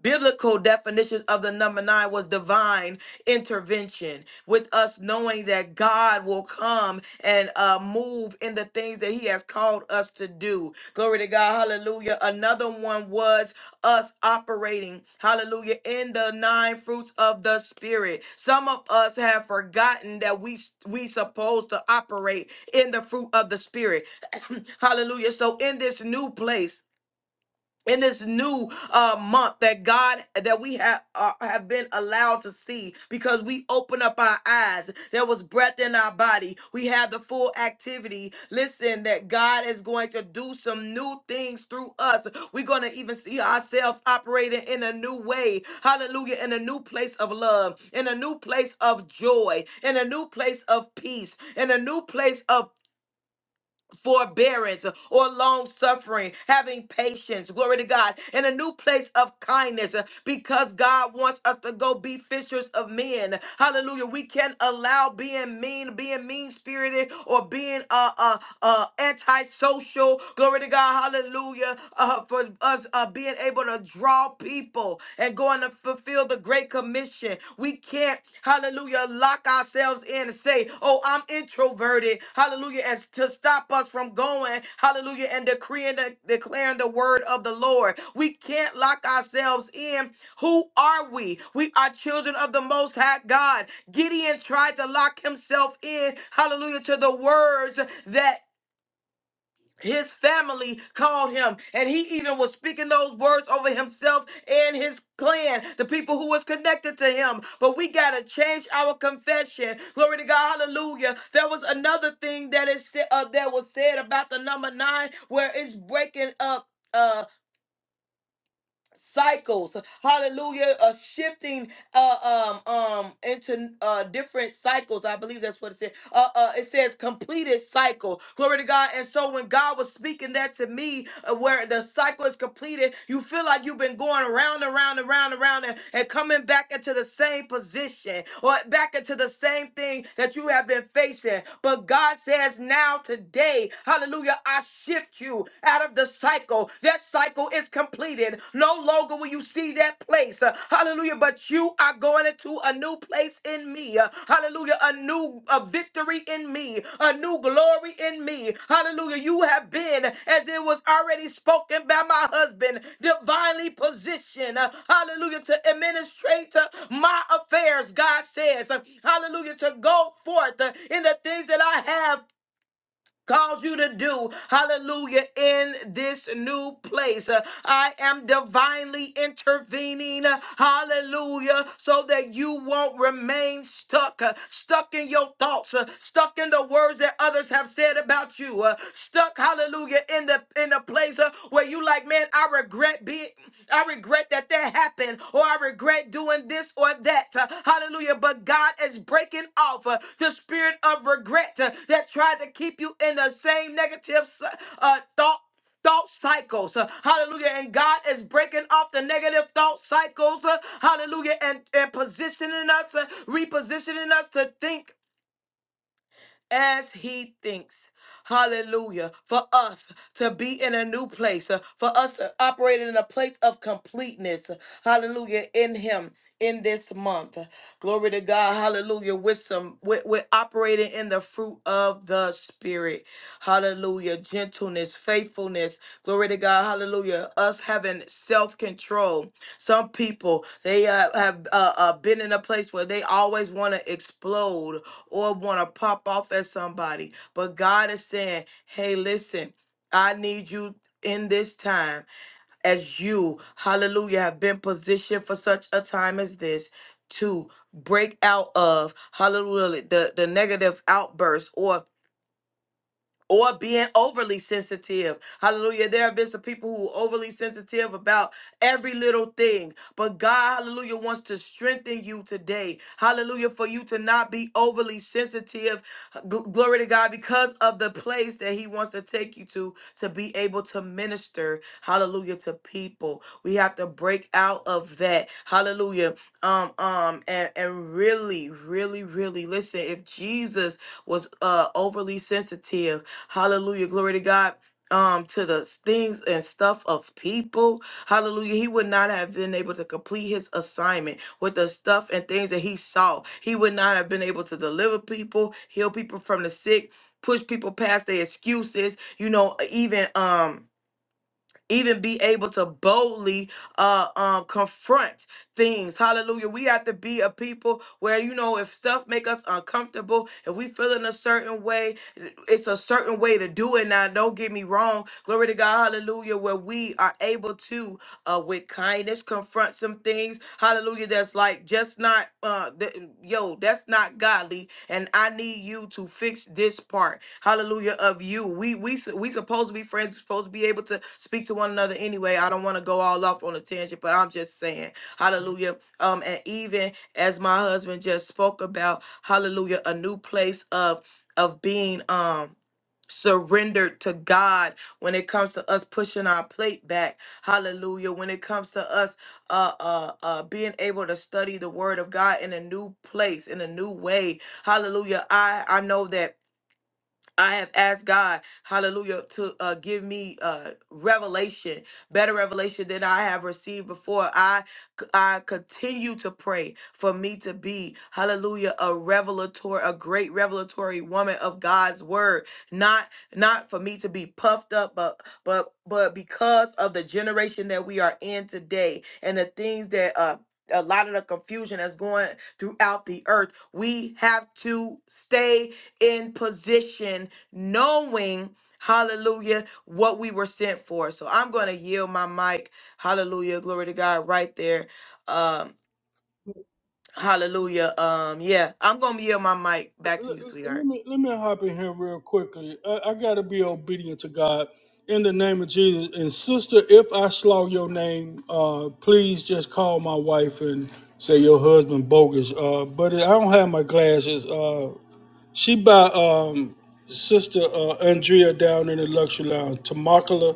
biblical definitions of the number nine was divine intervention with us knowing that god will come and uh move in the things that he has called us to do glory to god hallelujah another one was us operating hallelujah in the nine fruits of the spirit some of us have forgotten that we we supposed to operate in the fruit of the spirit hallelujah so in this new place in this new uh, month that God that we have uh, have been allowed to see because we open up our eyes. There was breath in our body. We have the full activity. Listen, that God is going to do some new things through us. We're going to even see ourselves operating in a new way. Hallelujah! In a new place of love, in a new place of joy, in a new place of peace, in a new place of forbearance or long suffering, having patience, glory to God, in a new place of kindness uh, because God wants us to go be fishers of men. Hallelujah. We can't allow being mean, being mean spirited, or being uh, uh, uh, antisocial, glory to God, hallelujah, uh, for us uh, being able to draw people and going to fulfill fulfill the Great Commission. We can't, hallelujah, lock ourselves in and say, oh, I'm introverted, hallelujah, as to stop us from going, hallelujah, and decreeing, and declaring the word of the Lord. We can't lock ourselves in. Who are we? We are children of the Most High God. Gideon tried to lock himself in, hallelujah, to the words that his family called him and he even was speaking those words over himself and his clan the people who was connected to him but we got to change our confession glory to god hallelujah there was another thing that is sa- uh, that was said about the number 9 where it's breaking up uh, cycles hallelujah uh shifting uh um um into uh different cycles i believe that's what it said uh, uh it says completed cycle glory to god and so when god was speaking that to me uh, where the cycle is completed you feel like you've been going around and around and around and around and, and coming back into the same position or back into the same thing that you have been facing but god says now today hallelujah i shift you out of the cycle That's that cycle is completed. No longer will you see that place. Uh, Hallelujah. But you are going into a new place in me. Uh, Hallelujah. A new a victory in me. A new glory in me. Hallelujah. You have been, as it was already spoken by my husband, divinely positioned. Uh, Hallelujah. To administrate uh, my affairs, God says. Uh, Hallelujah. To go forth uh, in the things that I have Calls you to do, hallelujah, in this new place. Uh, I am divinely intervening, uh, hallelujah, so that you won't remain stuck, uh, stuck in your thoughts, uh, stuck in the words that others have said about you, uh, stuck, hallelujah, in the in the place uh, where you like, man, I regret being, I regret regret that that happened, or I regret doing this or that. Uh, Hallelujah. But God is breaking off uh, the spirit of regret uh, that tried to keep you in the same negative uh, thought thought cycles. uh, Hallelujah. And God is breaking off the negative thought cycles. uh, Hallelujah. And, and positioning us, uh, repositioning us to think as he thinks. Hallelujah. For us to be in a new place, uh, for us to operate in a place of completeness. Hallelujah. In him. In this month, glory to God, hallelujah. With some, we're, we're operating in the fruit of the Spirit, hallelujah gentleness, faithfulness. Glory to God. Hallelujah. Us having self control. Some people, they uh, have uh, uh, been in a place where they always want to explode or want to pop off at somebody. But God is saying, hey, listen, I need you in this time as you, hallelujah, have been positioned for such a time as this to break out of, hallelujah, the, the negative outburst or or being overly sensitive. Hallelujah. There have been some people who are overly sensitive about every little thing. But God, hallelujah, wants to strengthen you today. Hallelujah. For you to not be overly sensitive. Gl- glory to God because of the place that He wants to take you to to be able to minister. Hallelujah to people. We have to break out of that. Hallelujah. Um, um, and, and really, really, really listen. If Jesus was uh overly sensitive, Hallelujah. Glory to God. Um, to the things and stuff of people. Hallelujah. He would not have been able to complete his assignment with the stuff and things that he saw. He would not have been able to deliver people, heal people from the sick, push people past their excuses, you know, even um even be able to boldly uh um confront things hallelujah we have to be a people where you know if stuff make us uncomfortable if we feel in a certain way it's a certain way to do it now don't get me wrong glory to god hallelujah where we are able to uh with kindness confront some things hallelujah that's like just not uh th- yo that's not godly and I need you to fix this part. Hallelujah of you. We we we supposed to be friends. we supposed to be able to speak to one another anyway. I don't want to go all off on a tangent, but I'm just saying, Hallelujah. Um, and even as my husband just spoke about, Hallelujah, a new place of of being. Um surrendered to God when it comes to us pushing our plate back. Hallelujah. When it comes to us uh uh uh being able to study the word of God in a new place, in a new way. Hallelujah. I I know that I have asked God, hallelujah, to uh, give me uh, revelation, better revelation than I have received before. I, I continue to pray for me to be, hallelujah, a revelatory, a great revelatory woman of God's word. Not, not for me to be puffed up, but, but, but because of the generation that we are in today and the things that, uh, a lot of the confusion that's going throughout the earth. We have to stay in position knowing, hallelujah, what we were sent for. So I'm going to yield my mic. Hallelujah. Glory to God right there. Um, hallelujah. Um, yeah, I'm going to yield my mic back to you, Let sweetheart. me let me hop in here real quickly. I, I gotta be obedient to God in the name of Jesus. And sister, if I slow your name, uh, please just call my wife and say your husband bogus. Uh, but I don't have my glasses. Uh, she by um sister uh, Andrea down in the luxury lounge, Tamakala.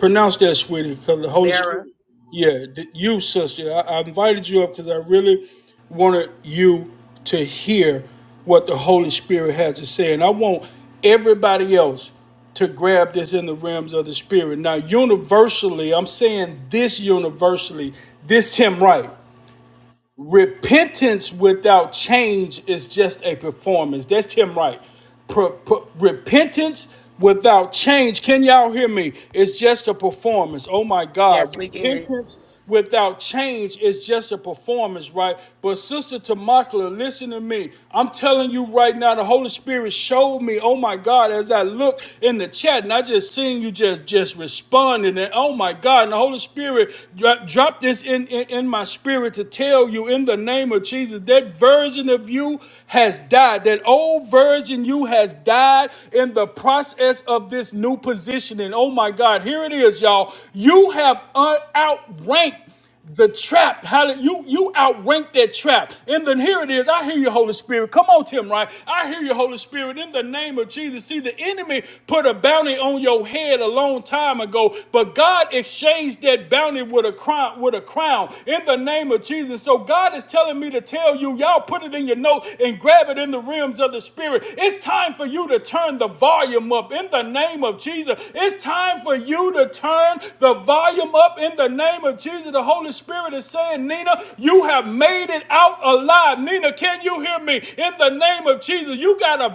Pronounce that, sweetie, because the Holy Spirit. Mara. Yeah, th- you, sister. I, I invited you up because I really wanted you to hear what the Holy Spirit has to say. And I want everybody else to grab this in the realms of the Spirit. Now, universally, I'm saying this universally, this Tim Wright. Repentance without change is just a performance. That's Tim Wright. Per- per- repentance without change, can y'all hear me? It's just a performance. Oh my Yes, God. we can hear you. Repentance without change is just a performance, right? But Sister Tamakla, listen to me. I'm telling you right now, the Holy Spirit showed me, oh my God, as I look in the chat and I just seen you just, just responding. And oh my my God. And the Holy Spirit dro- dropped this in, in, in my spirit to tell you in the name of Jesus that version of you has died. That old version you has died in the process of this new positioning. Oh my God. Here it is, y'all. You have un- outranked the trap, hallelujah, you, you outrank that trap. And then here it is. I hear you, Holy Spirit. Come on, Tim, right? I hear you, Holy Spirit, in the name of Jesus. See, the enemy put a bounty on your head a long time ago, but God exchanged that bounty with a crown, with a crown in the name of Jesus. So God is telling me to tell you, y'all put it in your notes and grab it in the realms of the spirit. It's time for you to turn the volume up in the name of Jesus. It's time for you to turn the volume up in the name of Jesus. The Holy Spirit is saying, Nina, you have made it out alive. Nina, can you hear me? In the name of Jesus, you got a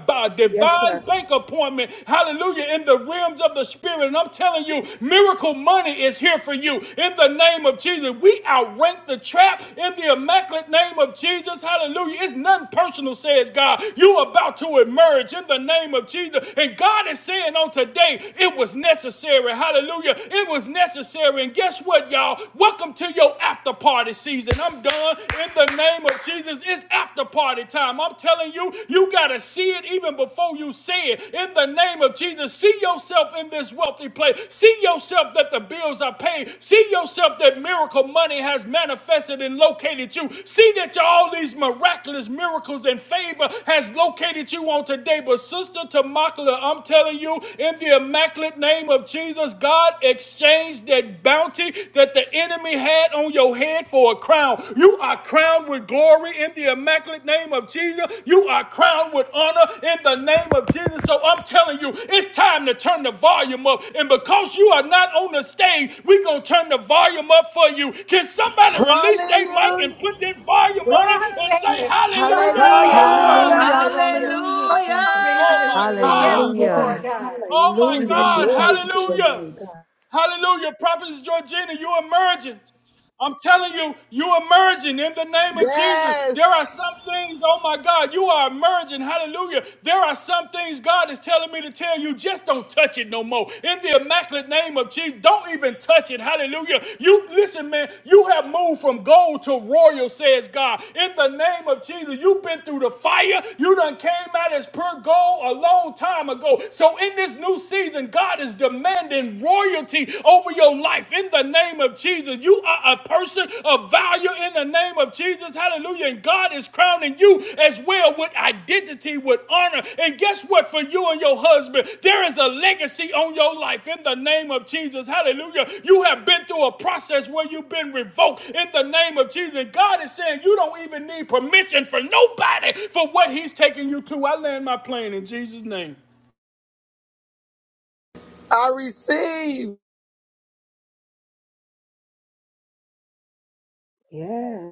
Yes, sir. divine bank appointment. Hallelujah. In the realms of the Spirit. And I'm telling you, miracle money is here for you. In the name of Jesus, we outrank the trap in the immaculate name of Jesus. Hallelujah. It's nothing personal, says God. You are about to emerge in the name of Jesus. And God is saying on today, it it was necessary. Hallelujah. It was necessary. And guess what, y'all? Welcome to your after party season. I'm done in the name of Jesus. It's after party time. I'm telling you, you got to see it even before you say it. In the name of Jesus, see yourself in this wealthy place. See yourself that the bills are paid. See yourself that miracle money has manifested and located you. See that all these miraculous miracles and favor has located you on today. But sister, tomorrow Immaculate, I'm telling you, in the immaculate name of Jesus, God exchanged that bounty that the enemy had on your head for a crown. You are crowned with glory in the immaculate name of Jesus. You are crowned with honor in the name of Jesus. So I'm telling you, it's time to turn the volume up. And because you are not on the stage, we're going to turn the volume up for you. Can somebody release their mic and Hallelujah. put that volume on it and say Hallelujah. hallelujah? Hallelujah. Hallelujah. Hallelujah, Jesus. Oh my Hallelujah. God. Hallelujah, Hallelujah. God. Oh my Hallelujah. Hallelujah, God. thank Glory you, to your Hallelujah. name, Jesus. God. Hallelujah. Prophetess Georgina, you emerging. I'm telling you, you emerging in the name of Jesus. Yes, There are some things, oh my God, you are emerging. Hallelujah. There are some things God is telling me to tell you, just don't touch it no more. In the immaculate name of Jesus, don't even touch it. Hallelujah. You listen, man, you have moved from gold to royal, says God. In the name of Jesus, you've been through the fire. You done came out as pure gold a long time ago. So in this new season, God is demanding royal royalty over your life in the name of Jesus. You are a person of value in the name of Jesus. Hallelujah. And God is crowning you as well with identity, with honor. And guess what? For you and your husband, there is a legacy on your life in the name of Jesus. Hallelujah. You have been through a process where you've been revoked in the name of Jesus. And God is saying you don't even need permission from nobody for what He's taking you to. I land my plane in Jesus' name. I receive. Yeah.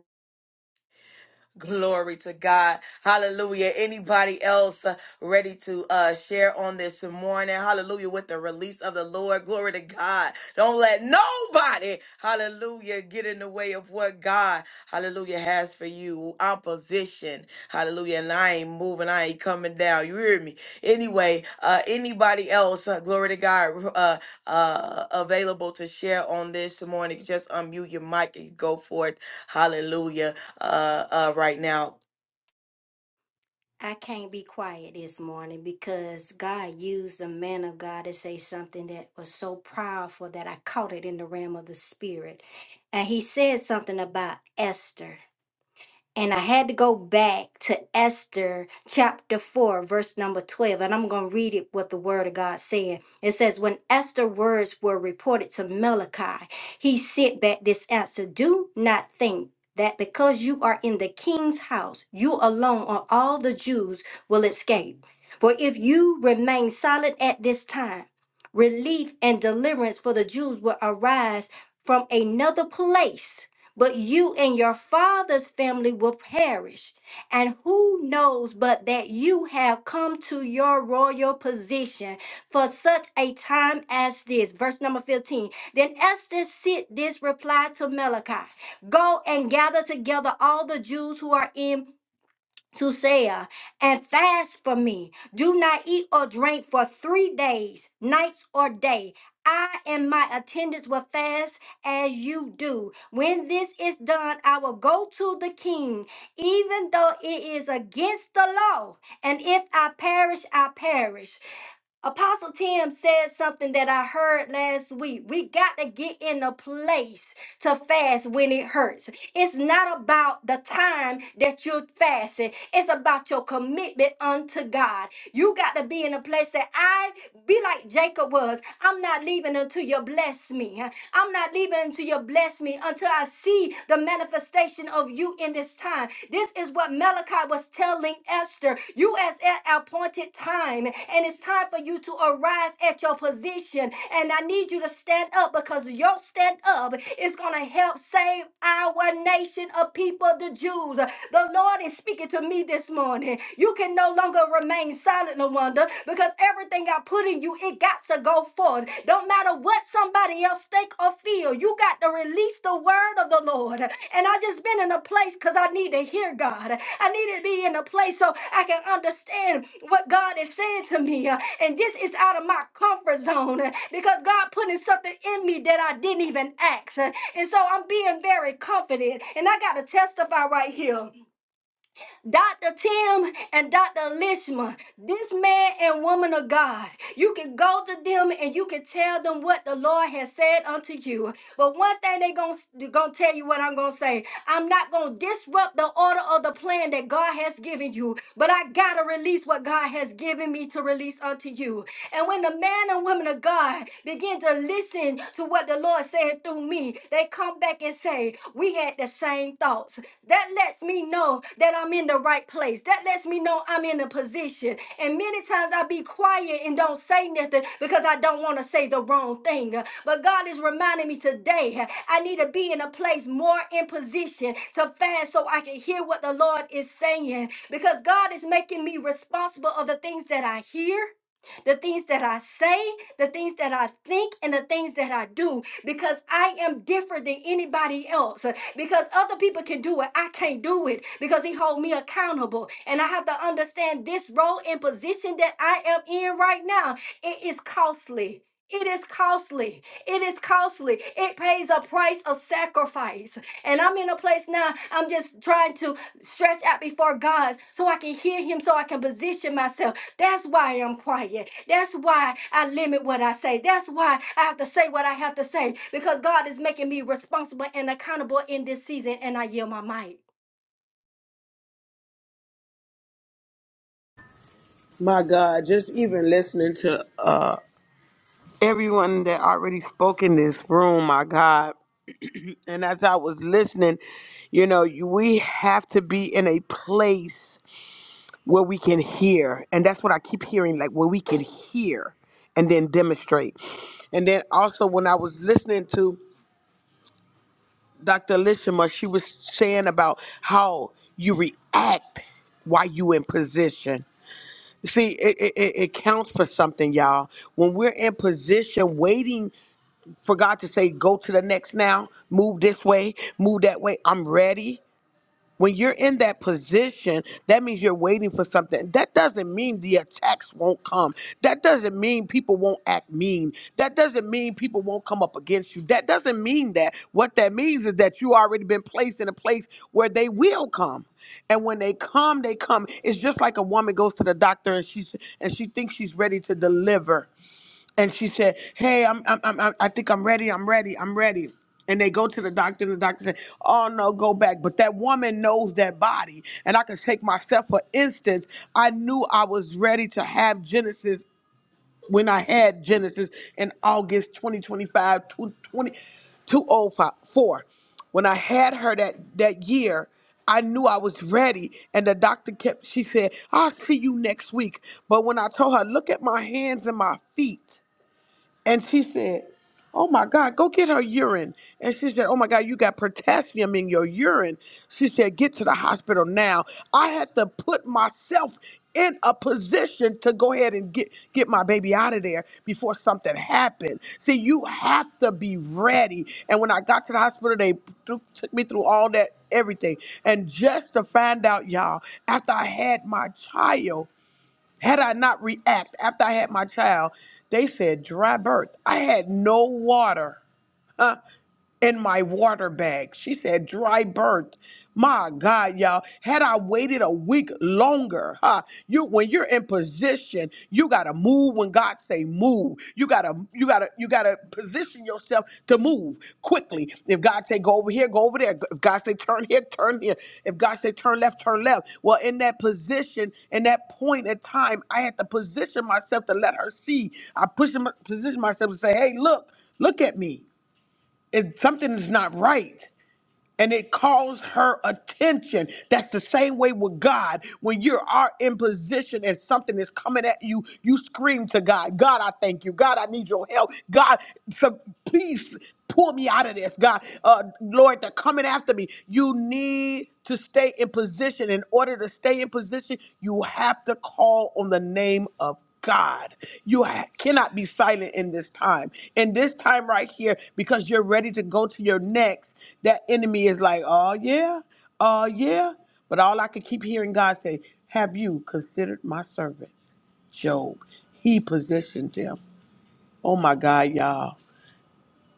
Glory to God. Hallelujah. Anybody else uh, ready to uh, share on this morning? Hallelujah. With the release of the Lord. Glory to God. Don't let nobody, hallelujah, get in the way of what God, hallelujah, has for you. Opposition. Hallelujah. And I ain't moving. I ain't coming down. You hear me? Anyway, uh, anybody else, uh, glory to God, uh, uh, available to share on this morning, just unmute your mic and go forth. Hallelujah uh, uh, right now. My God, just even listening to uh everyone that already spoke in this room, my God. And as I was listening, you know, you- we have to be in a place where we can hear. And that's what I keep hearing, like where we can hear and then demonstrate. And then also when I was listening to Dr. Lishima, she was saying about how you react while you in position. See, it, it, it it counts for something, y'all. When we're in position, waiting for God to say, go to the next now, move this way, move that way, I'm ready. When you're in that position, that means you're waiting for something. That doesn't mean the attacks won't come. That doesn't mean people won't act mean. That doesn't mean people won't come up against you. That doesn't mean that. What that means is that you already been placed in a place where they will come. And when they come, they come. It's just like a woman goes to the doctor and she's and she thinks she's ready to deliver and she said, "Hey, I'm, I'm, I'm, I'm- I think I'm ready. I'm ready. I'm ready." And they go to the doctor, and the doctor said, "Oh no, go back." But that woman knows that body, and I can take myself for instance. I knew I was ready to have Genesis when I had Genesis in August 2025, 20, 2004. When I had her that that year, I knew I was ready, and the doctor kept. She said, "I'll see you next week." But when I told her, "Look at my hands and my feet," And she said, Oh my God, go get her urine. And she said, Oh my God, you got potassium in your urine. She said, Get to the hospital now. I had to put myself in a position to go ahead and get, get my baby out of there before something happened. See, you have to be ready. And when I got to the hospital, they threw- took me through all that, everything. And just to find out, y'all, after I had my child, had I not react after I had my child, they said dry birth. I had no water. in my water bag. She said, dry birth. My God, y'all. Had I waited a week longer, huh? You when you're in position, you gotta move when God say move. You gotta, you gotta, you gotta position yourself to move quickly. If God say go over here, go over there. If God say turn here, turn here. If God say turn left, turn left. Well, in that position, in that point in time, I had to position myself to let her see. I pushed position myself to say, hey, look, look at me it, something is not right and it calls her attention that's the same way with god when you are in position and something is coming at you you scream to god god i thank you god i need your help god so please pull me out of this god uh, lord they're coming after me you need to stay in position in order to stay in position you have to call on the name of God. You ha- cannot be silent in this time. In this time right here, because you're ready to go to your next, that enemy is like, oh, yeah, oh, yeah. But all I could keep hearing God say, have you considered my servant, Job? He positioned him. Oh, my God, y'all.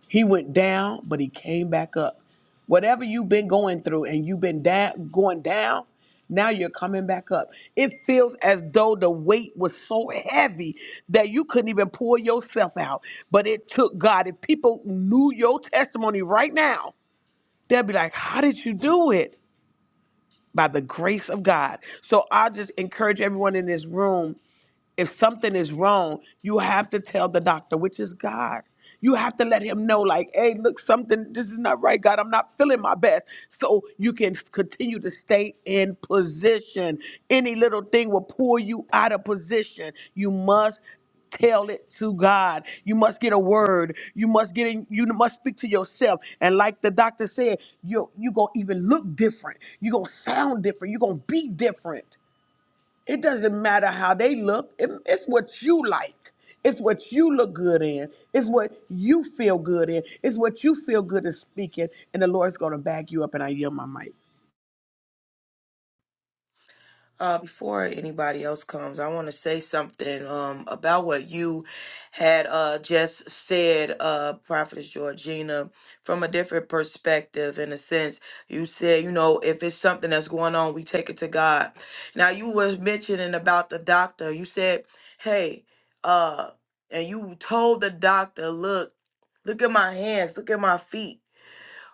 He went down, but he came back up. Whatever you've been going through and you've been down, going down, now you're coming back up. It feels as though the weight was so heavy that you couldn't even pull yourself out. But it took God. If people knew your testimony right now, they'll be like, How did you do it? By the grace of God. So I just encourage everyone in this room if something is wrong, you have to tell the doctor, which is God. You have to let him know, like, hey, look, something, this is not right, God. I'm not feeling my best. So you can s- continue to stay in position. Any little thing will pull you out of position. You must tell it to God. You must get a word. You must get in, you must speak to yourself. And like the doctor said, you you going to even look different. You're going to sound different. You're going to be different. It doesn't matter how they look. It- it's what you like. It's what you look good in. It's what you feel good in. It's what you feel good in speaking. And the Lord's going to back you up. And I yield my mic. Uh, before anybody else comes, I want to say something um, about what you had uh, just said, uh, Prophetess Georgina, from a different perspective. In a sense, you said, you know, if it's something that's going on, we take it to God. Now, you was mentioning about the doctor. You said, hey, uh, and you told the doctor, look, look at my hands, look at my feet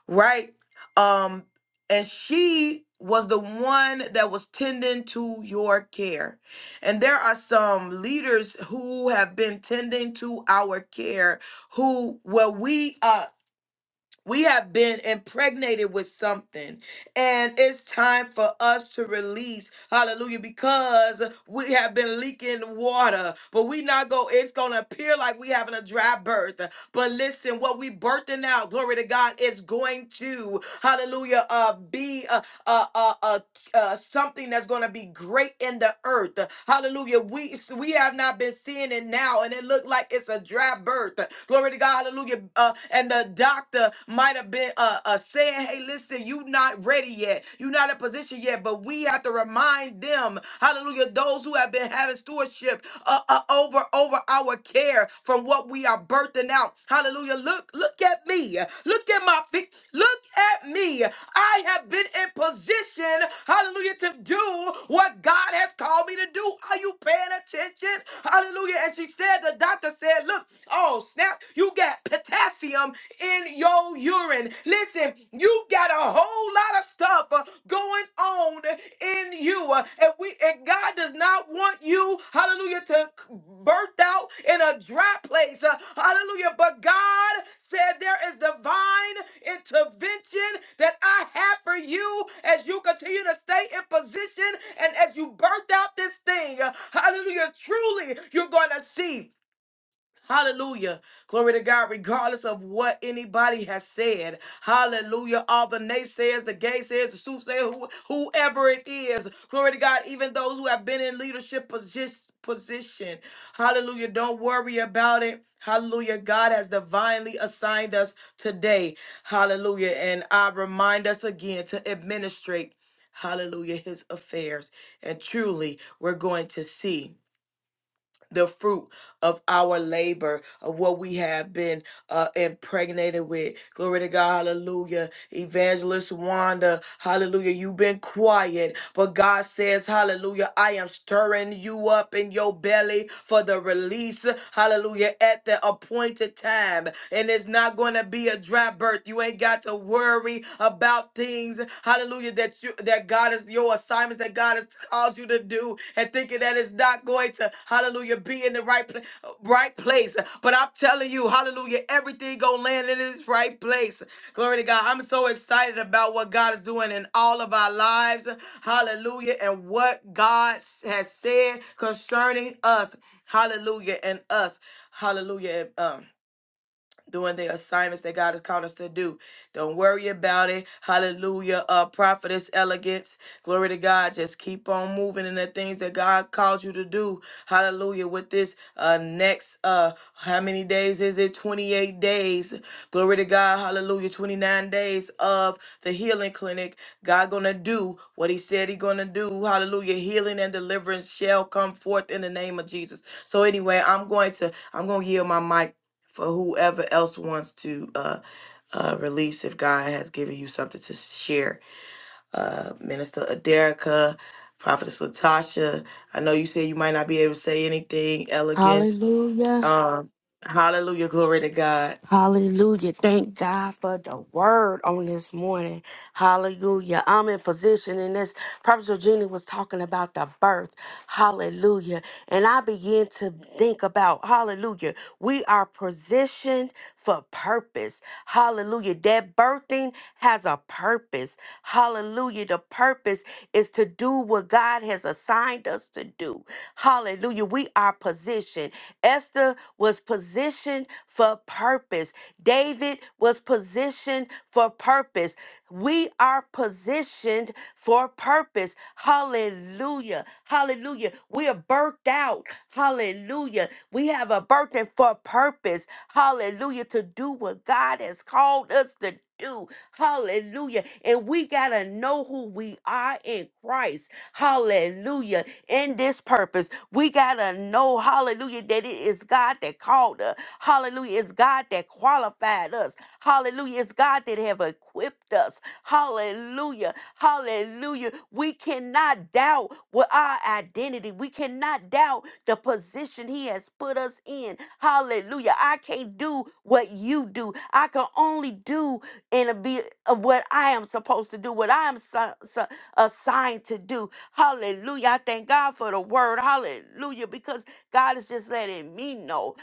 right? Um, and she was the one that was tending to your care. And there are some leaders who have been tending to our care who where we uh we have been impregnated with something and it's time for us to release hallelujah because we have been leaking water but we not go it's gonna appear like we having a dry birth but listen what we birthing out glory to god is going to hallelujah uh be a, uh, something that's going to be great in the earth. Hallelujah. We we have not been seeing it now, and it looked like it's a dry birth. Glory to God. Hallelujah. Uh, and the doctor might have been uh, uh, saying, "Hey, listen, you not ready yet. You're not in position yet." But we have to remind them, Hallelujah, those who have been having stewardship uh, uh, over over our care from what what we are birthing out. Hallelujah. Look, look at me. Look at my feet. Look at me. I have been in position, hallelujah, to do what God has called me to do. Are you paying attention? Hallelujah. And she said, the doctor said, look, oh, snap, you got potassium in your urine. Listen, you got a whole lot of stuff uh, going on in you. uh, And we and God does not want you, hallelujah, to burnt out in a dry place. uh, Hallelujah. But God said there is divine intervention that I have for you as you continue to stay in position and as you burnt out this thing. uh, Hallelujah. Truly, you're going to see. Hallelujah. Glory to God, regardless of what anybody has said. Hallelujah. All the naysayers, the gay says, the soothsayers, who, whoever it is. Glory to God, even those who have been in leadership posi- position. Hallelujah. Don't worry about it. Hallelujah. God has divinely assigned us today. Hallelujah. And I remind us again to administrate, hallelujah, his affairs. And truly, we're going to see the fruit of our labor, of what we have been uh, impregnated with. Glory to God, hallelujah. Evangelist Wanda, hallelujah. You've been quiet, but God says, hallelujah, I am stirring you up in your belly for the release, hallelujah, at the appointed time. And it's not going to be be a dry birth. You ain't got to worry about things. Hallelujah. That you that God is your assignments that God has called you to do and thinking that it's not going to hallelujah be in the right place right place. But I'm telling you, hallelujah, everything gonna land in its right place. Glory to God. I'm so excited about what God is doing in all of our lives. Hallelujah. And what God has said concerning us. Hallelujah. And us. Hallelujah. And, Um doing the assignments that God has called us to do. Don't worry about it. Hallelujah. Uh, prophetess elegance. Glory to God. Just keep on moving in the things that God called you to do. Hallelujah. With this uh next uh how many days is it? 28 days. Glory to God. Hallelujah. 29 days of the healing clinic. God gonna do what he said he gonna do. Hallelujah. Healing and deliverance shall come forth in the name of Jesus. So anyway, I'm going to I'm gonna yield my mic for whoever else wants to uh, uh, release if God has given you something to share. Uh, Minister Aderica, Prophetess Latasha, I know you said you might not be able to say anything, elegance. Hallelujah. Um, hallelujah, glory to God. Hallelujah. Thank God for the word on this morning. Hallelujah. I'm in position and this. Prophet Eugenia was talking about the birth. Hallelujah. And I began to think about, hallelujah, we are positioned for purpose. Hallelujah. That birthing has a purpose. Hallelujah. The purpose is to do what God has assigned us to do. Hallelujah. We are positioned. Esther was positioned positioned for purpose. David was positioned for purpose. We are positioned for purpose. Hallelujah. Hallelujah. We are birthed out. Hallelujah. We have a birthing for purpose. Hallelujah. To do what God has called us to do. Hallelujah. And we got to know who we are in Christ. Hallelujah. In this purpose, we got to know, hallelujah, that it is God that called us. Hallelujah. It's God that qualified us. Hallelujah. It's God that have equipped us. Hallelujah. Hallelujah. We cannot doubt what our identity. We cannot doubt the position he has put us in. Hallelujah. I can't do what you do. I can only do and be of what I am supposed to do, what I am so, so assigned to do. Hallelujah. I thank God for the word. Hallelujah. Because God is just letting me know.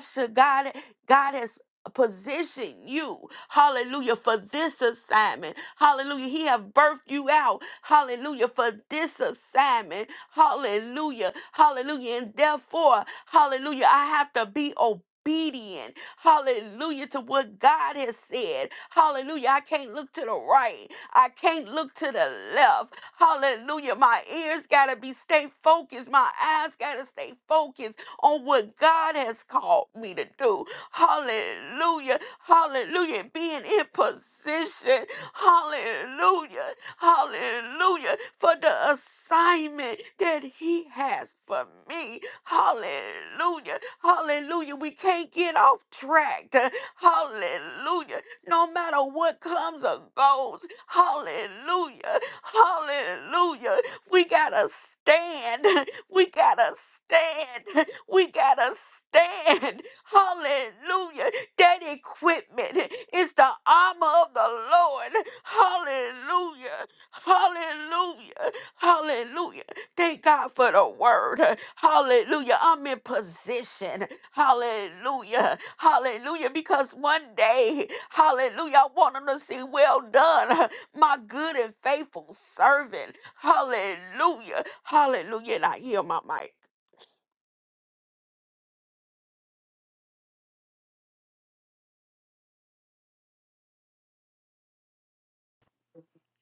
Tasha, God, God has position you hallelujah for this assignment hallelujah he have birthed you out hallelujah for this assignment hallelujah hallelujah and therefore hallelujah i have to be obedient hallelujah to what god has said hallelujah i can't look to the right i can't look to the left hallelujah my ears gotta be stay focused my eyes gotta stay focused on what God has called me to do. Hallelujah. Hallelujah. And Being in position. Hallelujah. Hallelujah. For the assignment that he has for me. Hallelujah. Hallelujah. We can't get off track. Hallelujah. No matter what comes or goes. Hallelujah. Hallelujah. We got to stand. We gotta stand. We gotta stand. Hallelujah. That equipment is the armor of the Lord. Hallelujah. Hallelujah. Hallelujah. Thank God for the word. Hallelujah. I'm in position. Hallelujah. Hallelujah. Because one day, hallelujah, I want them to see well done, my good and faithful servant. Hallelujah. Hallelujah. And I hear my mic.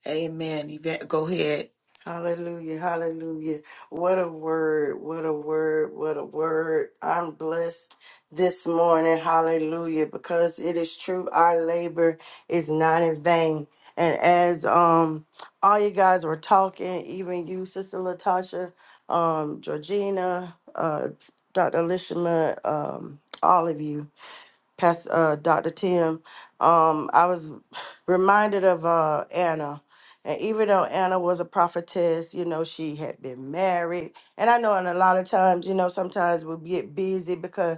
Amen. You bet- Go ahead. Hallelujah. Hallelujah. What a word. What a word. What a word. I'm blessed this morning. Hallelujah. Because it is true. Our labor is not in vain. And as um all you guys were talking, even you, Sister Latasha, um, Georgina, uh, Dr. Lishima, um, all of you. Past uh, Dr. Tim, um, I was reminded of uh, Anna. And even though Anna was a prophetess, you know, she had been married. And I know, and a lot of times, you know, sometimes we get busy because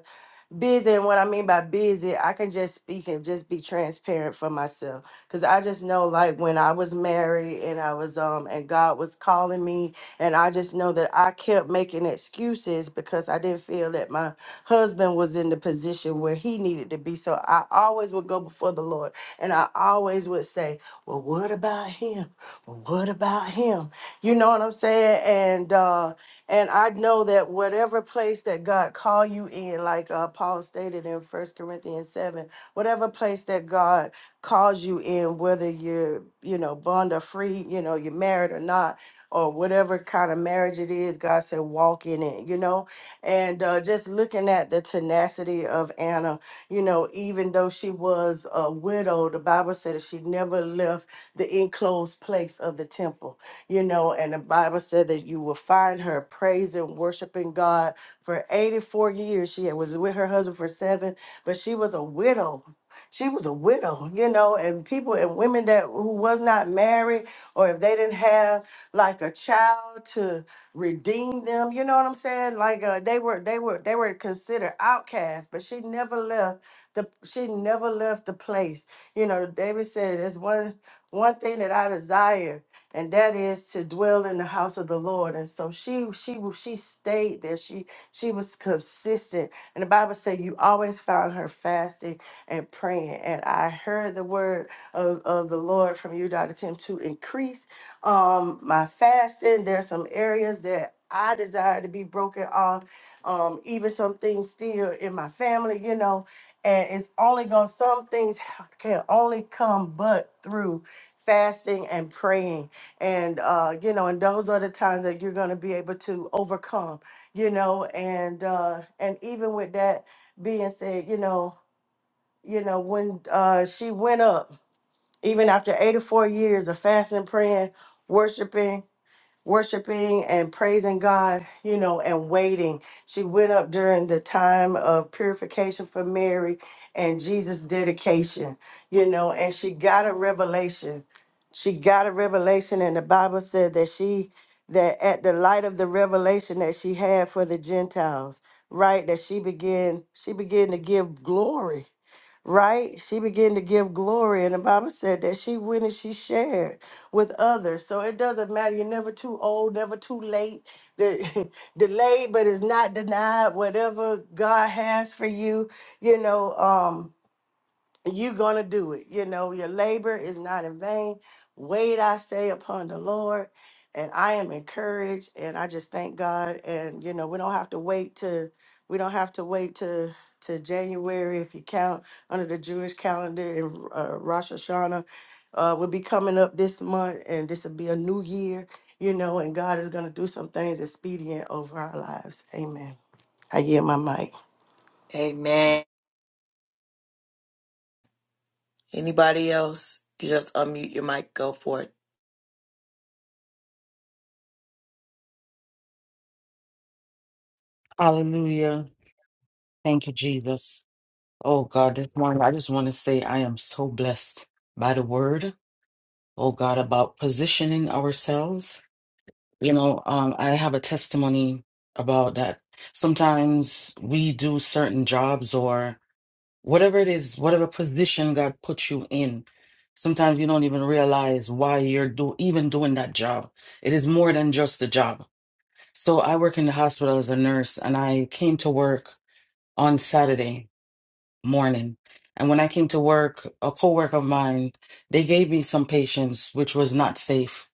busy and what i mean by busy i can just speak and just be transparent for myself because i just know like when i was married and i was um and god was calling me and i just know that i kept making excuses because i didn't feel that my husband was in the position where he needed to be so i always would go before the lord and i always would say well what about him well, what about him you know what i'm saying and uh and I know that whatever place that God call you in, like uh, Paul stated in First Corinthians 7, whatever place that God calls you in, whether you're, you know, bond or free, you know, you're married or not, or whatever kind of marriage it is, God said, walk in it, you know? And uh, just looking at the tenacity of Anna, you know, even though she was a widow, the Bible said that she never left the enclosed place of the temple you know, and the Bible said that you will find her praising, worshiping God for 84 years. She had- was with her husband for seven, but she was a widow. She was a widow, you know, and people and women that who was not married or if they didn't have like a child to redeem them, you know what I'm saying? Like uh, they were they were they were considered outcasts, but she never left the she never left the place. You know, David said "There's one one thing that I desire and that is to dwell in the house of the Lord. And so she she she stayed there. She she was consistent. And the Bible said you always found her fasting and praying. And I heard the word of, of the Lord from you, Dr. Tim, to increase um my fasting. There's some areas that I desire to be broken off, um, even some things still in my family, you know, and it's only gonna some things can only come but through fasting and praying and uh, you know and those are the times that you're going to be able to overcome you know and uh, and even with that being said you know you know when uh, she went up even after 84 years of fasting praying worshiping worshiping and praising God, you know, and waiting. She went up during the time of purification for Mary and Jesus' dedication, you know, and she got a revelation. She got a revelation, and the Bible said that she, that at the light of the revelation that she had for the Gentiles, right, that she began, she began to give glory right? She began to give glory, and the Bible said that she went and she shared with others. So it doesn't matter. You're never too old, never too late. The- Delayed, but it's not denied. Whatever God has for you, you know. Um, you're gonna do it. You know, your labor is not in vain. Wait, I say, upon the Lord. And I am encouraged and I just thank God. And you know, we don't have to wait to we don't have to wait to to January if you count under the Jewish calendar and uh, Rosh Hashanah uh, will be coming up this month and this will be a new year, you know, and God is gonna do some things expedient over our lives. Amen. I yield my mic. Amen. Anybody else? You Just unmute your mic. Go for it. Hallelujah. Thank you, Jesus. Oh God, this morning I just want to say I am so blessed by the word, oh God, about positioning ourselves. You know, um, I have a testimony about that. Sometimes we do certain jobs or whatever it is, whatever position God puts you in. Sometimes you don't even realize why you're do even doing that job. It is more than just a job. So I work in the hospital as a nurse and I came to work on Saturday morning. And when I came to work, a coworker of mine, they gave me some patients, which was not safe,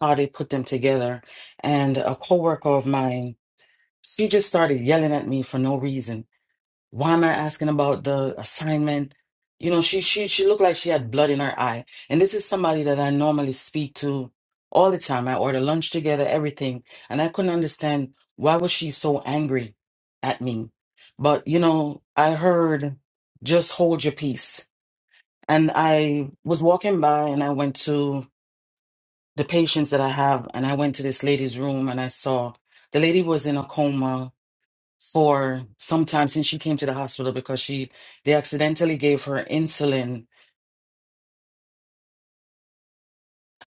how they put them together. And a coworker of mine, she just started yelling at me for no reason. Why am I asking about the assignment? You know, she she she looked like she had blood in her eye. And this is somebody that I normally speak to all the time. I order lunch together, everything. And I couldn't understand why was she so angry at me. But you know, I heard just hold your peace. And I was walking by and I went to the patients that I have and I went to this lady's room and I saw the lady was in a coma for some time since she came to the hospital because she they accidentally gave her insulin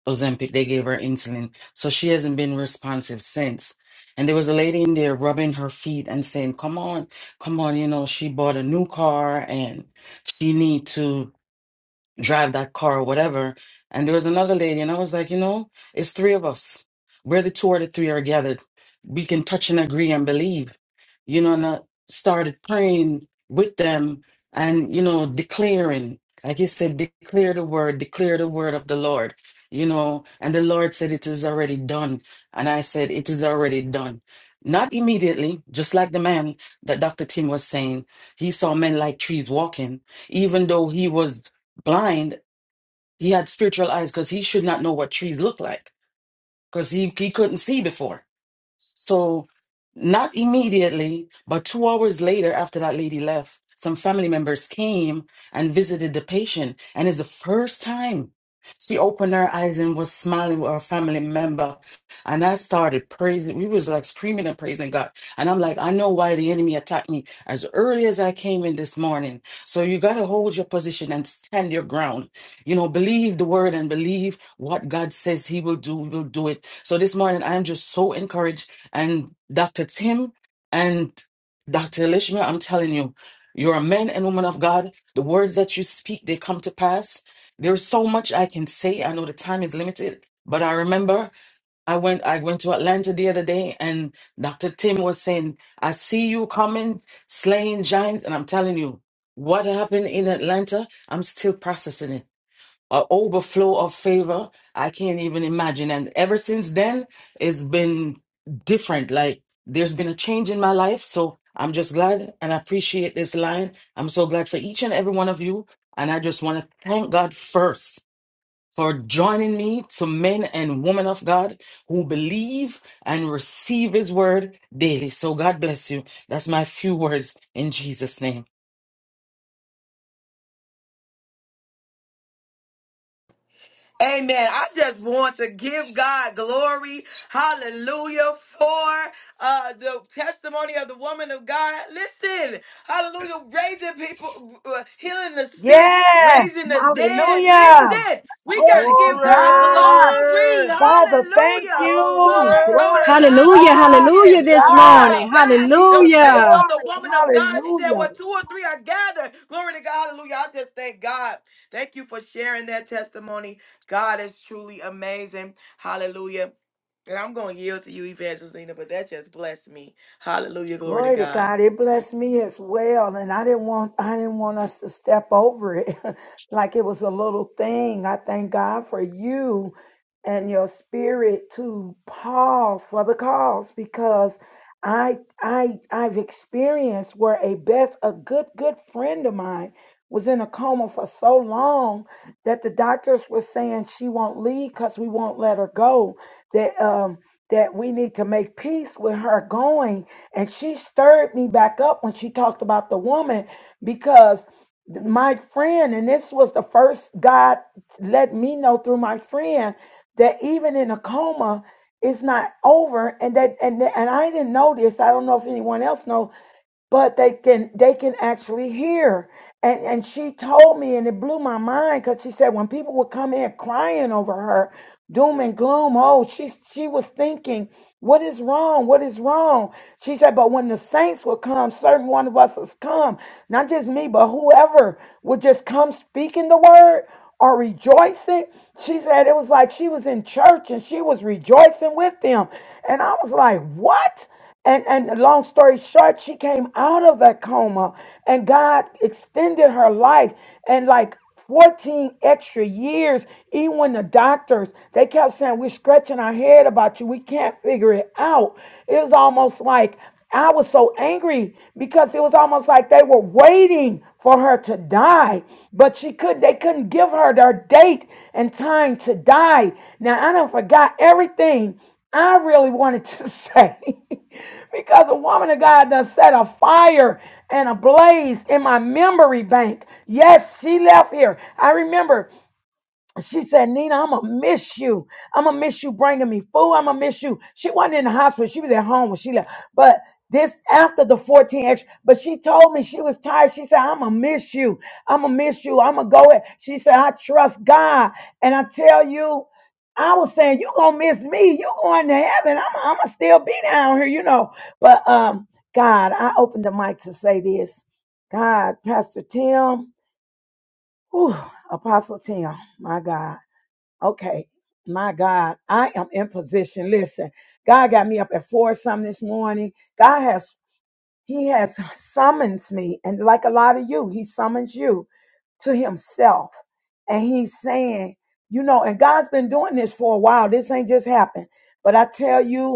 Ozempic. They gave her insulin, so she hasn't been responsive since. And there was a lady in there rubbing her feet and saying, "Come on, come on," you know. She bought a new car and she need to. drive that car or whatever. And there was another lady, and I was like, you know, it's three of us. We're the two or the three are gathered. We can touch and agree and believe. You know, and I started praying with them and, you know, declaring. Like he said, declare the word, declare the word of the Lord. You know, and the Lord said, It is already done. And I said, It is already done. Not immediately, just like the man that Dr. Tim was saying. He saw men like trees walking, even though he was blind, he had spiritual eyes because he should not know what trees look like because he, he couldn't see before. So, not immediately, but two hours later, after that lady left, some family members came and visited the patient. And it's the first time she opened her eyes and was smiling with her family member. And I started praising. We was like screaming and praising God. And I'm like, I know why the enemy attacked me as early as I came in this morning. So you got to hold your position and stand your ground. You know, believe the word and believe what God says he will do. He will do it. So this morning, I'm just so encouraged and Dr. Tim and Dr. Elishma, I'm telling you, you're a man and woman of God. The words that you speak, they come to pass. There's so much I can say. I know the time is limited, but I remember I went I went to Atlanta the other day and Dr. Tim was saying, I see you coming, slaying giants, and I'm telling you, what happened in Atlanta, I'm still processing it an overflow of favor. I can't even imagine. And ever since then, it's been different. Like there's been a change in my life. So I'm just glad and appreciate this line. I'm so glad for each and every one of you. And I just want to thank God first for joining me to men and women of God who believe and receive his word daily. So God bless you. That's my few words in Jesus' name. Amen. I just want to give God glory. Hallelujah. For uh, the testimony of the woman of God. Listen. Hallelujah. Raising people, uh, healing the sick, Yes, raising the dead. hallelujah. Listen. We got Glory to to give God God. glory. Father, thank Hallelujah. For you. her coming Glory to alive Hallelujah, God. again. To hallelujah this Glory to God God. morning. By be the the faith Hallelujah. of the glory. woman of God. She said, Hallelujah. Well, two or three are gathered. Glory to God. Hallelujah. I just thank God. Thank you for sharing that testimony. God is truly amazing. Hallelujah. And I'm going to yield to you, Evangelina, but that just blessed me. Hallelujah. Glory to Glory to God. God. It blessed me as well. And I didn't want I didn't want us to step over it like it was a little thing. I thank God for you and your spirit to pause for the cause because I I I've experienced where a best a good good friend of mine was in a coma for so long that the doctors were saying she won't leave because we won't let her go. That um that we need to make peace with her going and she stirred me back up when she talked about the woman because my friend, and this was the first God let me know through my friend that even in a coma, it's not over. And that and and I didn't know this. I don't know if anyone else knows but they can they can actually hear and and she told me and it blew my mind because she said when people would come in crying over her doom and gloom oh she she was thinking what is wrong what is wrong she said but when the saints would come certain one of us has come not just me but whoever would just come speaking the word or rejoicing she said it was like she was in church and she was rejoicing with them and i was like what and and long story short, she came out of that coma and God extended her life and like 14 extra years, even when the doctors they kept saying, We're scratching our head about you, we can't figure it out. It was almost like I was so angry because it was almost like they were waiting for her to die, but she could they couldn't give her their date and time to die. Now I done forgot everything I really wanted to say because a woman of God done set a fire and a blaze in my memory bank. Yes, she left here. I remember she said, Nina, I'm going to miss you. I'm going to miss you bringing me food. I'm going to miss you. She wasn't in the hospital. She was at home when she left. But this after the 14 extra, but she told me she was tired. She said, I'm going to miss you. I'm going to miss you. I'm going to go. in." She said, I trust God. And I tell you, I was saying, you going to miss me. you going to heaven. I'm, I'm going to still be down here, you know. But um, God, I opened the mic to say this. God, Pastor Tim, whew, Apostle Tim, my God. Okay, my God, I am in position. Listen, God got me up at four something this morning. God has He has summons me, and like a lot of you, He summons you to Himself, and He's saying, you know, and God's been doing this for a while. This ain't just happened, but I tell you.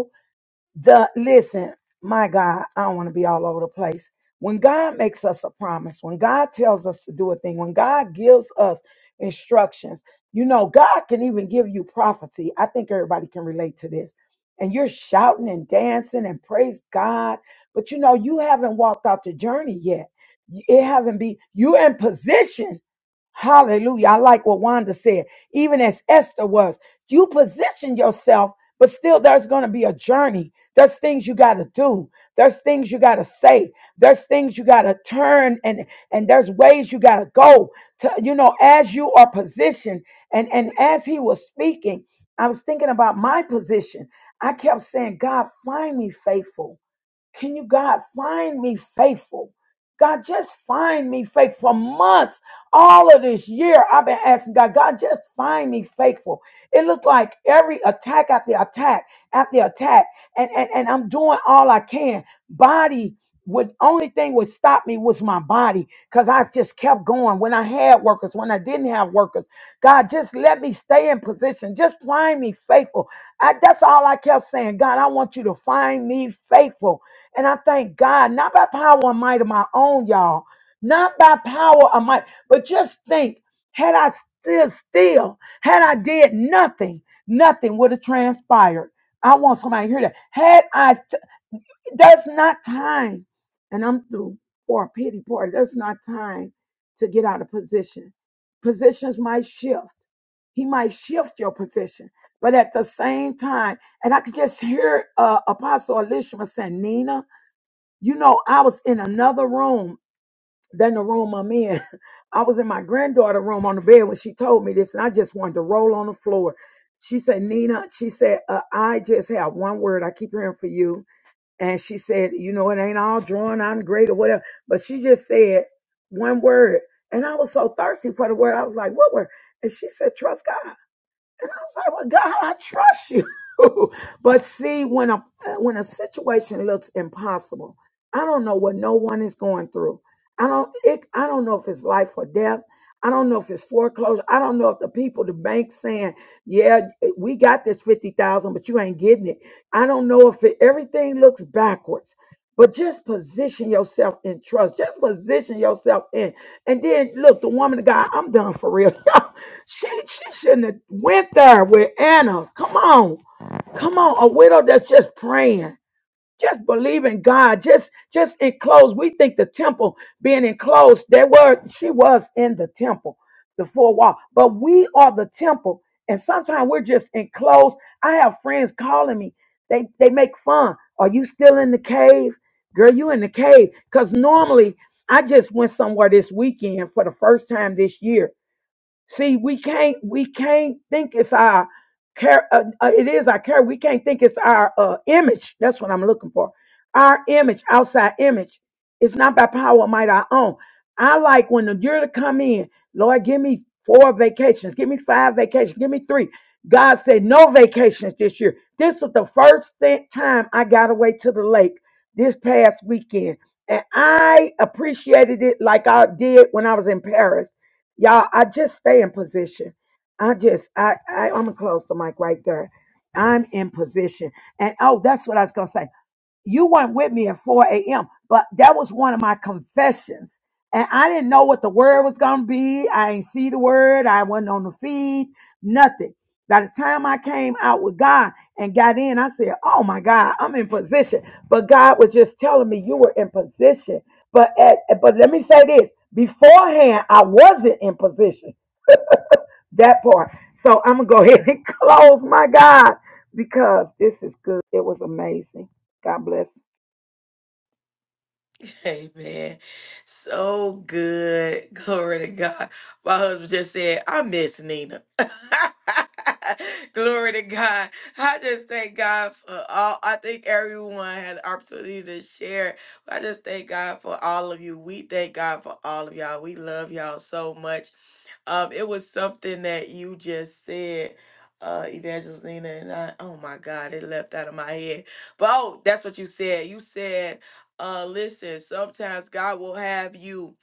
The listen, my God, I don't want to be all over the place. When God makes us a promise, when God tells us to do a thing, when God gives us instructions, you know, God can even give you prophecy. I think everybody can relate to this. And you're shouting and dancing and praise God, but you know, you haven't walked out the journey yet. It haven't been, you're in position Hallelujah. I like what Wanda said. Even as Esther was, you position yourself, but still there's going to be a journey. There's things you got to do. There's things you got to say. There's things you got to turn and and there's ways you got to go to you know as you are positioned and and as he was speaking, I was thinking about my position. I kept saying, God, find me faithful. Can you, God, find me faithful? God, just find me faithful. For months, all of this year, I've been asking God, God, just find me faithful. It looked like every attack after attack after attack, and, and, and I'm doing all I can. Body would only thing would stop me was my body because I just kept going when I had workers, when I didn't have workers. God, just let me stay in position. Just find me faithful. I, that's all I kept saying. God, I want you to find me faithful. And I thank God, not by power and might of my own, y'all, not by power or might, but just think, had I still still, had I did nothing, nothing would have transpired. I want somebody to hear that. Had I, t- there's not time, and I'm through for a pity party. There's not time to get out of position. Positions might shift. He might shift your position, but at the same time, and I could just hear uh, Apostle Elishma saying, "Nina, you know, I was in another room than the room I'm in. I was in my granddaughter room on the bed when she told me this, and I just wanted to roll on the floor. She said, Nina, she said, uh, I just have one word I keep hearing for you. And she said, you know, it ain't all drawn, I'm great or whatever. But she just said one word. And I was so thirsty for the word. I was like, what word? And she said, trust God was like, well, God, I trust you. but see, when a when a situation looks impossible, I don't know what no one is going through. I don't it, I don't know if it's life or death. I don't know if it's foreclosure. I don't know if the people, the bank saying, yeah, we got this 50,000, but you ain't getting it. I don't know if it, everything looks backwards, but just position yourself in trust. Just position yourself in. And then look, the woman of God, I'm done for real. She, she shouldn't have went there with Anna. Come on. Come on. A widow that's just praying. Just believe in God. Just just enclosed. We think the temple being enclosed, they were she was in the temple, the four wall. But we are the temple. And sometimes we're just enclosed. I have friends calling me. They they make fun. Are you still in the cave? Girl, you in the cave. Because normally I just went somewhere this weekend for the first time this year See, we can't we can't think it's our care. Uh, uh, it is our care. We can't think it's our uh, image. That's what I'm looking for. Our image, outside image. It's not by power or might our own. I like when the year to come in. Lord, give me four vacations. Give me five vacations. Give me three. God said no vacations this year. This is the first thi- time I got away to the lake this past weekend, and I appreciated it like I did when I was in Paris Y'all, I just stay in position. I just, I, I I'm gonna close the mic right there. I'm in position, and oh, that's what I was gonna say you weren't with me at 4 a.m. But that was one of my confessions. And I didn't know what the word was gonna be. I ain't see the word. I wasn't on the feed, nothing. By the time I came out with God and got in, I said, Oh my God, I'm in position. But God was just telling me you were in position. But at, but let me say this beforehand, I wasn't in position. That part. So I'm gonna go ahead and close my God because this is good. It was amazing. God bless. Amen. So good. Glory to God. My husband just said, I miss Nina. Glory to God. I just thank God for all. I think everyone had the opportunity to share. I just thank God for all of you. We thank God for all of y'all. We love y'all so much. Um, it was something that you just said, uh, Evangelina, and I, oh my God, it left out of my head. But oh, that's what you said. You said, uh, listen, sometimes God will have you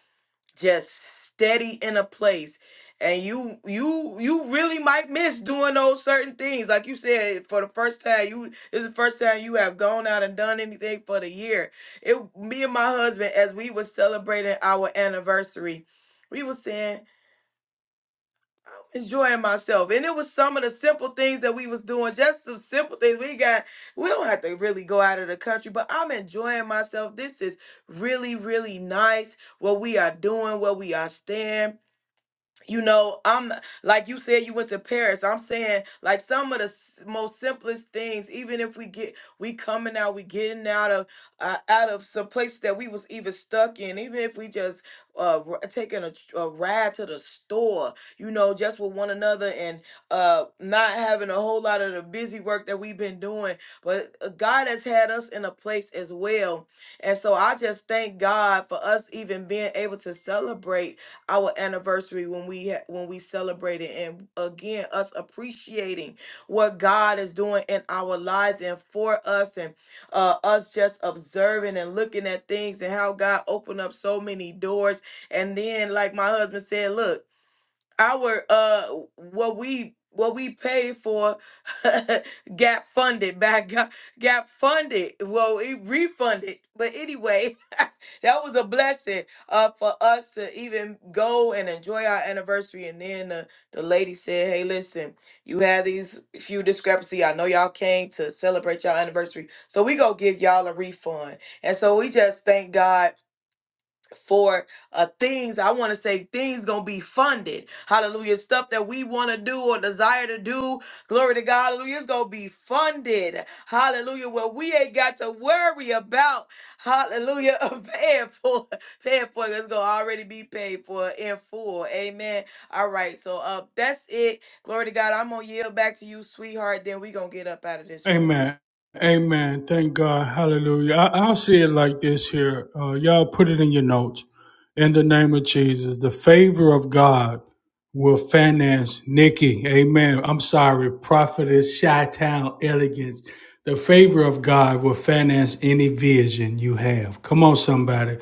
just steady in a place. And you you you really might miss doing those certain things. Like you said, for the first time, you this is the first time you have gone out and done anything for the year. It me and my husband, as we were celebrating our anniversary, we were saying, enjoying myself. And it was some of the simple things that we was doing, just some simple things. We got we don't have to really go out of the country, but I'm enjoying myself. This is really, really nice what we are doing, what we are staying you know i'm like you said you went to paris i'm saying like some of the s- most simplest things even if we get we coming out we getting out of uh, out of some place that we was even stuck in even if we just uh r- taking a, tr- a ride to the store you know just with one another and uh not having a whole lot of the busy work that we've been doing but uh, god has had us in a place as well and so i just thank god for us even being able to celebrate our anniversary when we ha- when we celebrated and again us appreciating what God is doing in our lives and for us and uh, us just observing and looking at things and how God opened up so many doors and then like my husband said look our uh what we what we paid for got funded by God, got funded well it refunded but anyway that was a blessing uh for us to even go and enjoy our anniversary and then the, the lady said hey listen you had these few discrepancy i know y'all came to celebrate y'all anniversary so we go give y'all a refund and so we just thank god for uh things i want to say things gonna be funded hallelujah stuff that we want to do or desire to do glory to god hallelujah it's gonna be funded hallelujah where we ain't got to worry about hallelujah paying for paying for it. it's gonna already be paid for in full amen all right so uh that's it glory to god i'm gonna yield back to you sweetheart then we gonna get up out of this room Amen. Amen. Thank God. Hallelujah. I, I'll say it like this here. Uh, y'all put it in your notes. In the name of Jesus, the favor of God will finance Nikki. Amen. I'm sorry. Prophet Chi-Town is the favor of God will finance any vision you have. Come on, somebody.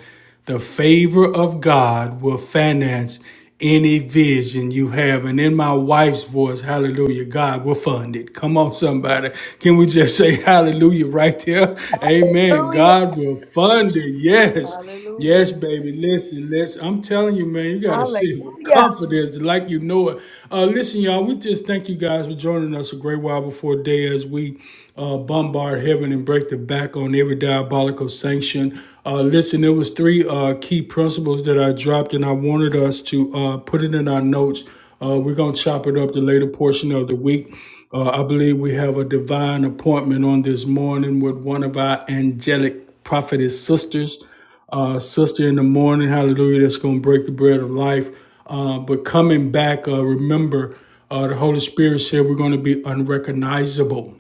The favor of God will finance any vision you have. And in my wife's voice, hallelujah, God will fund it. Come on, somebody. Can we just say hallelujah right there? Amen. Hallelujah. God will fund it. Yes. Hallelujah. Yes, baby. Listen, listen. I'm telling you, man, you got to see it with Hallelujah. confidence like you know it. Uh, listen, y'all, we just thank you guys for joining us a great while before day as we uh, bombard heaven and break the back on every diabolical sanction uh, listen, there was three uh, key principles that I dropped, and I wanted us to uh, put it in our notes. Uh, we're gonna chop it up the later portion of the week. Uh, I believe we have a divine appointment on this morning with one of our angelic prophetess sisters uh, sister in the morning, hallelujah, that's going to break the bread of life. Uh, but coming back, uh, remember, uh, the Holy Spirit said we're going to be unrecognizable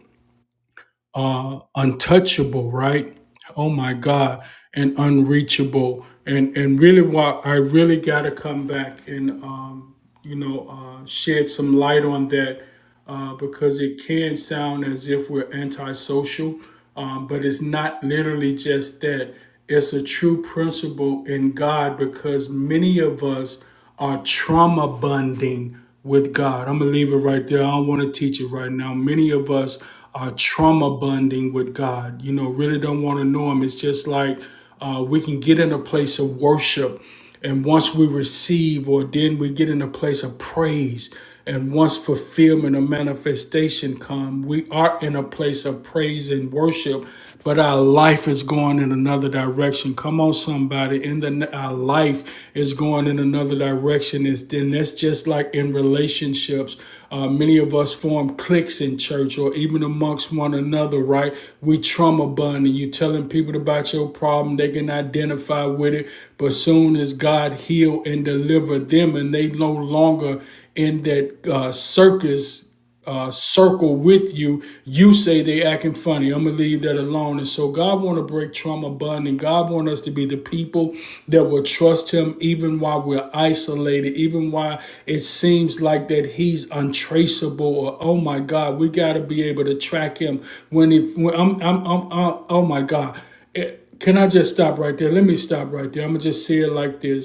uh, untouchable, right? Oh my God, and unreachable, and and really, what I really got to come back and. Um, you know, uh, shed some light on that uh, because it can sound as if we're antisocial, um, but it's not literally just that. It's a true principle in God because many of us are trauma bonding with God. I'm going to leave it right there. I don't want to teach it right now. Many of us are trauma bonding with God. You know, really don't want to know Him. It's just like uh, we can get in a place of worship and once we receive, or then we get in a place of praise. And once fulfillment or manifestation come, we are in a place of praise and worship, but our life is going in another direction. Come on, somebody! In the our life is going in another direction. Is then that's just just like in relationships. Uh, many of us form cliques in church or even amongst one another, right? We trauma bond and you telling people about your problem, they can identify with it. But soon as God heal and deliver them and they no longer in that uh, circus uh, circle with you, you say they acting funny. I'm gonna leave that alone. And so God want to break trauma bonding. God want us to be the people that will trust Him even while we're isolated, even while it seems like that He's untraceable. Or oh my God, we gotta be able to track Him when if when I'm, I'm, I'm, i oh my God. Can I just stop right there? Let me stop right there. I'm gonna just say it like this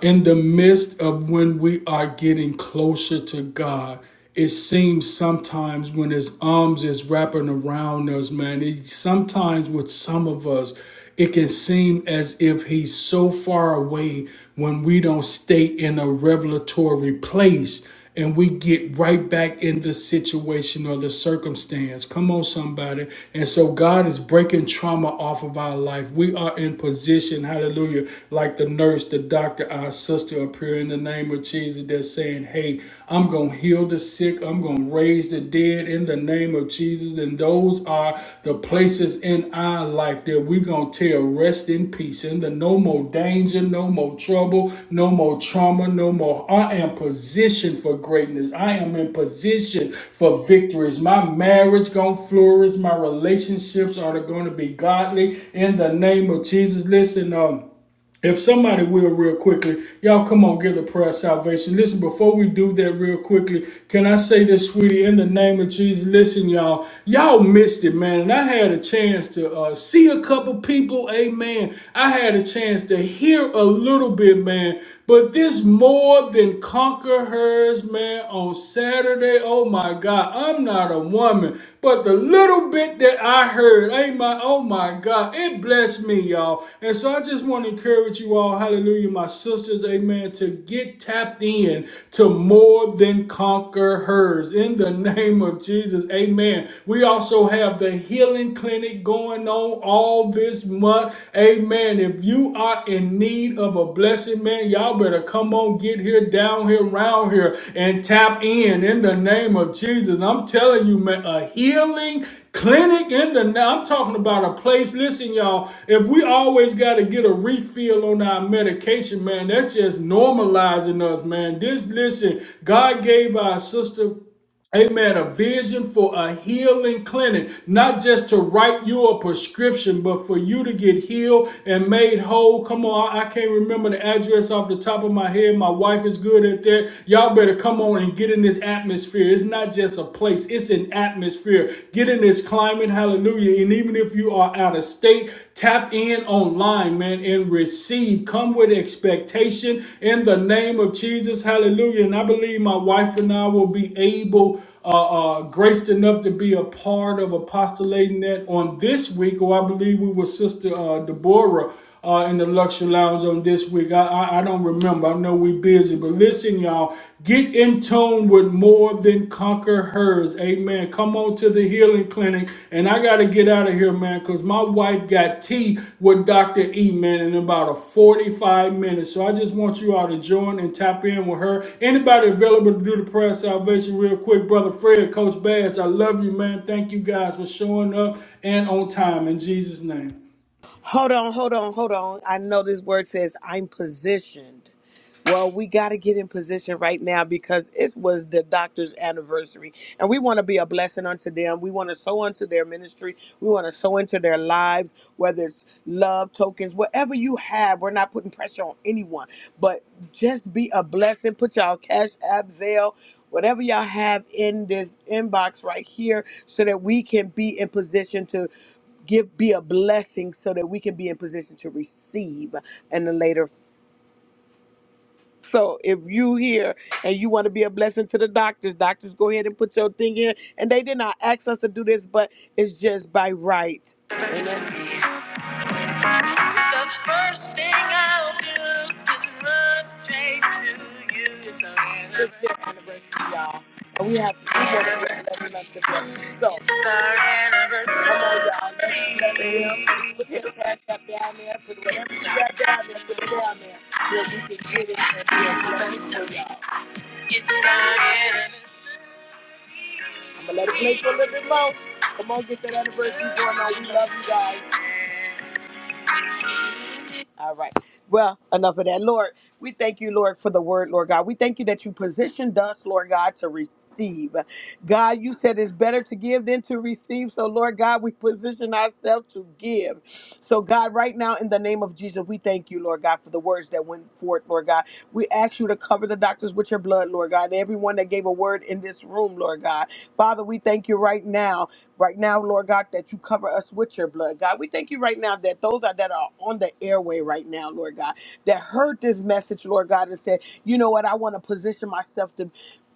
uh, in the midst of when we are getting closer to God, it seems sometimes when His arms is wrapping around us, man, it, sometimes with some of us, it can seem seem as if he's so far away when we don't stay in a revelatory place and we get right back in the situation or the circumstance. Come on, somebody. And so God is breaking trauma off of our life. We are in position, hallelujah, like the nurse, the doctor, our sister up here in the name of Jesus. They're saying, hey, I'm going to heal the sick. I'm going to them raise the dead in the name of Jesus. And those are the places in our life that we're going to tell rest in peace. And the no more danger, no more trouble, no more trauma, no more. I am positioned for greatness. I am in position for victories. My marriage going to flourish. My relationships are going to be godly in the name of Jesus. Listen, um, if somebody will, real quickly, y'all come on, give the prayer of salvation. Listen, before we do that, real quickly, can I say this, sweetie, in the name of Jesus? Listen, y'all, y'all missed it, man. And I had a chance to uh, see a couple people, amen. I had a chance to hear a little bit, man. But this more than conquer hers, man, on Saturday, oh my God, I'm not a woman. But the little bit that I heard, amen, oh my God, it blessed me, y'all. And so I just want to encourage you all, hallelujah, my sisters, amen, to get tapped in to more than conquer hers. In the name of Jesus, amen. We also have the healing clinic going on all this month, amen. If you are in need of a blessing, man, y'all better come on, get here, down here, round here, and tap in. In the name of Jesus, I'm telling you, man, a healing clinic in the now i'm talking about a place listen y'all if we always got to get a on medication, man. That's normalizing us, man. This, listen, God gave our sister, amen, a vision for a healing clinic, not just to write you a prescription, but for you to get healed and made whole. Come on, I I can't remember the address off the top of my head. My wife is good at that. Y'all better come on and get in this atmosphere. It's not just a place, it's an atmosphere. Get in this climate, hallelujah. And even if you are out of state, tap in online Come with expectation in the name of Jesus. Hallelujah. And I believe my wife and I will be able, uh, uh, graced enough to be a part of apostolating that on this week, or I believe we were Sister uh, Deborah. Uh, in the luxury lounge on this week. I, I, I don't remember. I know we are busy, but listen, y'all, get in tune with more than conquer hers. Amen. Come on to the healing clinic. And I got to get out of here, man, because my wife got what Dr man in about a 45 minutes so i just want you all to join and tap in with her anybody available to do the prayer of salvation real quick brother fred coach bass i love you man thank you guys for showing up and on time in jesus name Hold on, hold on, hold on. I know this word says I'm positioned. Well, we got to get in position right now because it was the doctor's anniversary. And we want to be a blessing unto them. We want to sow into their ministry. We want to sow into their lives, whether it's love, tokens, whatever you have. We're not putting pressure on anyone, but just be a blessing. Put y'all cash, app, Zelle, whatever y'all have in this inbox right here so that we can be in position to give be a blessing so that we can be in position to receive and the later so if you here and you want to be a blessing to the doctors doctors go ahead and put your thing in and they did not ask us to do this but it's just by right amen the first thing I'll do is run straight to you. It's our anniversary, It's our anniversary, y'all. And we have two more days left in us today. So, it's our anniversary. Come on, y'all. It's our anniversary. But let it play for a little bit long. Come on, get that anniversary going on. We love you guys. All right. Well, enough of that. Lord, we thank you, Lord, for the word, Lord God. We thank you that you positioned us, Lord God, to receive. God, you said it's better to give than to receive. So, Lord God, we position ourselves to give. So, God, right now, in the name of Jesus, we thank you, Lord God, for the words that went forth, Lord God. We ask you to cover the doctors with your blood, Lord God, and everyone that gave a word in this room, Lord God. Father, we thank you right now Right now, Lord God, that you cover us with your blood, God. We thank you right now that those are, that are on the airway right now, Lord God, that heard this message, Lord God, and said, you know what, I want to position myself to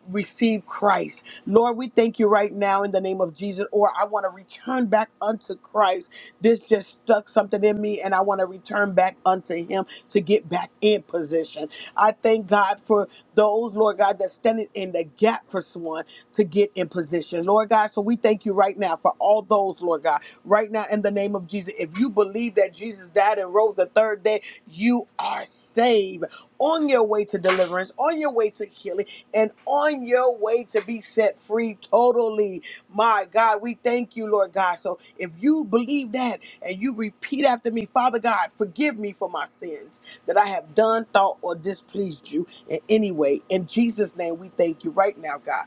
receive Christ. Lord, we thank you right now in the name of Jesus, or I want to return back unto Christ. This just stuck something in me, and I want to return back unto Him to get back in position. I thank God for those, Lord God, that's standing in the gap for someone to get in position, Lord God. So we thank you right now for all those, Lord God, right now in the name of Jesus. If you believe that Jesus died and rose the third day, you are saved on your way to deliverance, on your way to healing, and on your way to be set free totally my God, we thank you, Lord God. So if you believe that and you repeat after me, Father God, forgive me for my sins that I have done, thought, or displeased you in any way. In Jesus' name, we thank you right now, God.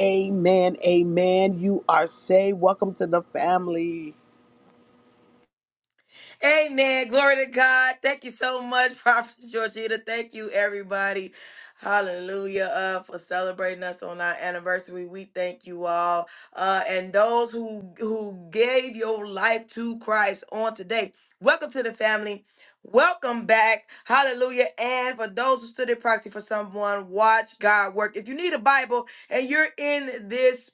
Amen. Amen. You are saved. Welcome to the family. Amen. Glory to God. Thank you so much, Prophet Georgina. Thank you, everybody. Hallelujah uh, for celebrating us on our anniversary. We thank you all, uh, and those who who gave your life to Christ on today. Welcome to the family. Welcome back. Hallelujah. And for those who stood in proxy for someone, watch God work. If you need a Bible and you're in this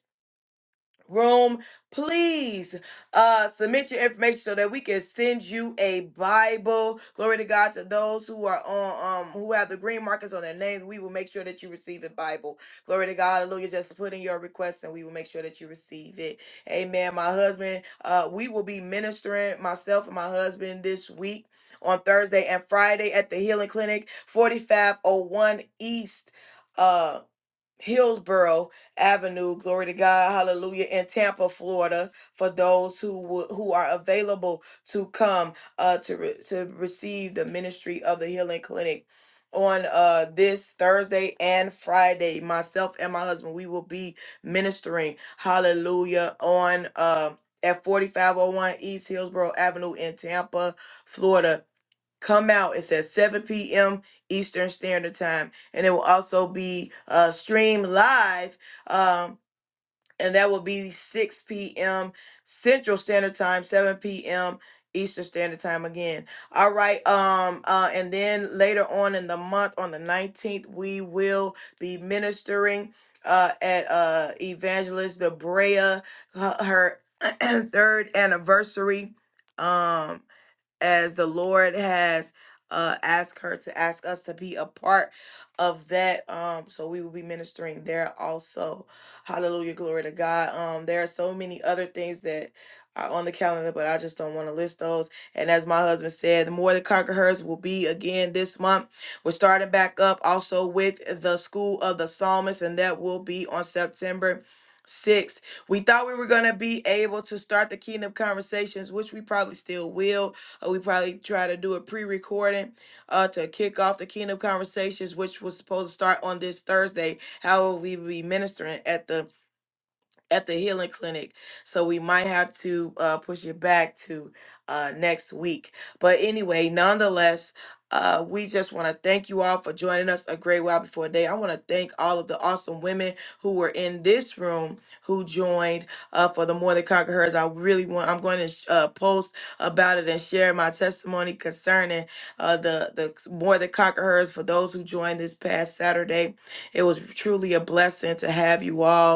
room, please uh, submit your information so that we can send you a Bible. Glory to God to those who are on um who have the green markers on their names. We will make sure that you receive a Bible. Glory to God, hallelujah. Just put in your request and we will make sure that you receive it. Amen. My husband, uh, we will be ministering myself and my husband this week. On Thursday and Friday at the Healing Clinic, 4501 East. uh, Hillsborough Avenue, glory to God, hallelujah, in Tampa, Florida, for those who wo- who are available to come uh, to re- to receive the ministry of the Healing Clinic on uh, this Thursday and Friday. Myself and my husband, we will be ministering, hallelujah, on um at 4501 East Hillsborough Avenue in Tampa, Florida come out. It's at 7 p.m. Eastern Standard Time, and it will also be uh, streamed live, um, and that will be 6 p.m. Central Standard Time, 7 p.m. Eastern Standard Time again. All right, um, uh, and then later on in the month, on the 19th, we will be ministering uh, at uh, Evangelist Debrea, her, her third anniversary. Um, as the Lord has uh asked her to ask us to be a part of that. Um, so we will be ministering there also. Hallelujah, glory to God. Um, there are so many other things that are on the calendar, but I just don't want to list those. And as my husband said, the more the conquerors will be again this month. We're starting back up also with the school of the psalmist, and that will be on September. 6th. We thought we were going to be able to start the kingdom conversations, which we probably still will uh, we probably try to do a pre-recording uh, to kick off the Kingdom Conversations, which was supposed to start on this Thursday. However, we will be ministering at the at the healing clinic. So we might have to uh, push it back to uh, next week. But anyway, nonetheless, uh, we just want to thank you all for joining us a great while before day. I want to thank all of the awesome women who were in this room who joined uh, for the More Than Conquerors. I really want, I'm going to sh- uh, post about it and share my testimony concerning uh, the, the More Than Conquerors for those who joined this past Saturday. It was truly a blessing to have you all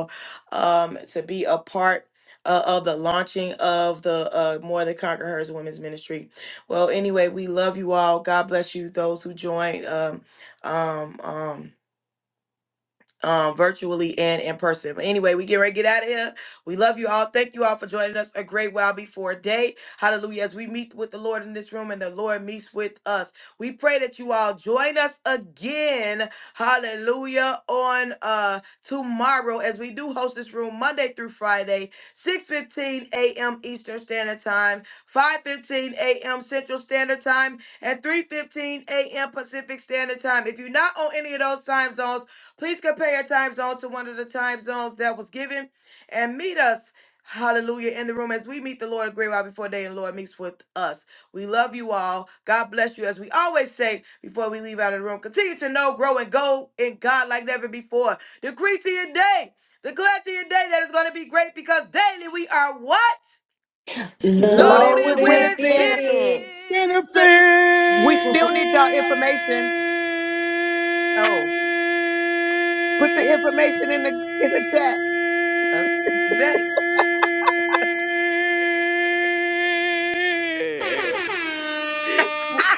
um, to be a part uh, of the launching of the uh, More Than Conquer Hers Women's Ministry. Well, anyway, we love you all. God bless you, those who joined. Um, um, um, um, virtually and in person. But anyway, we get ready to get out of here. We love you all. Thank you all for joining us a great while before day. Hallelujah. As we meet with the Lord in this room and the Lord meets with us, we pray that you all join us again. Hallelujah. On uh, tomorrow, as we do host this room Monday through Friday, 6 15 a.m. Eastern Standard Time, 5 15 a.m. Central Standard Time, and 3 15 a.m. Pacific Standard Time. If you're not on any of those time zones, Please compare your time zone to one of the time zones that was given and meet us. Hallelujah in the room as we meet the Lord a great while before day and the Lord meets with us. We love you all. God bless you. As we always say before we leave out of the room, continue to know, grow, and go in God like never before. Decree to your day. Declare to your day that it's going to be great because daily we are what? Loaded Loaded Loaded with with with benefits. benefits. benefits. We still need y'all information. Oh, Put the information in the in the chat. uh, that.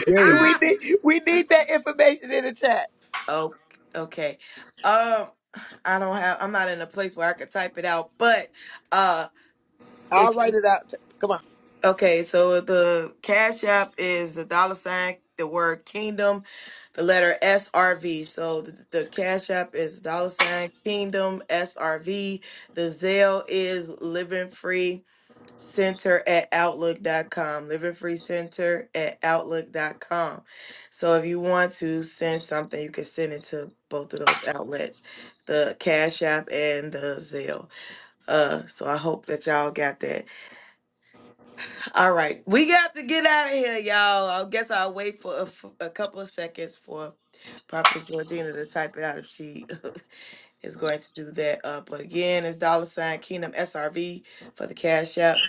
We need we need that information in the chat. Oh, okay. Um, I don't have. I'm not in a place where I could type it out. But uh, I'll if write you it out. Come on. okay, so the Cash App is the dollar sign, the word Kingdom, the letter SRV. So the, the Cash App is dollar sign Kingdom SRV. The Zelle is Living Free center at outlook.com living free center at outlook.com so if you want to send something you can send it to both of those outlets the cash app and the zelle uh so i hope that y'all got that all right we got to get out of here y'all i guess i'll wait for a, f- a couple of seconds for prophetess georgina to type it out if she is going to do that uh but again it's dollar sign kingdom srv for the cash app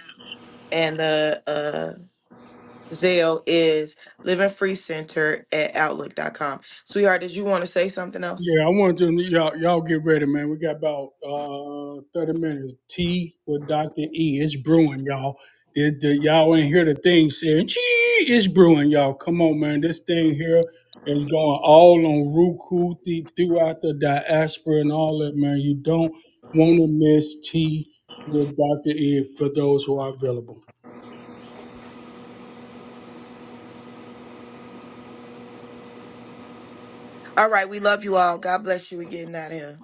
and the uh, Zell is Living Free Center at outlook dot com. Sweetheart, did you want to say something else? Yeah, I want them y'all y'all get ready, man. We got about uh thirty minutes. Tea with Doctor E. It's brewing, y'all. The, the, y'all ain't hear the thing saying, "Gee, it's brewing, y'all." Come on, man. This thing here is going all on Roku th- throughout the diaspora and all that, man. You don't want to miss tea with Doctor E. For those who are available. All right, we love you all. God bless you. We're getting out of here.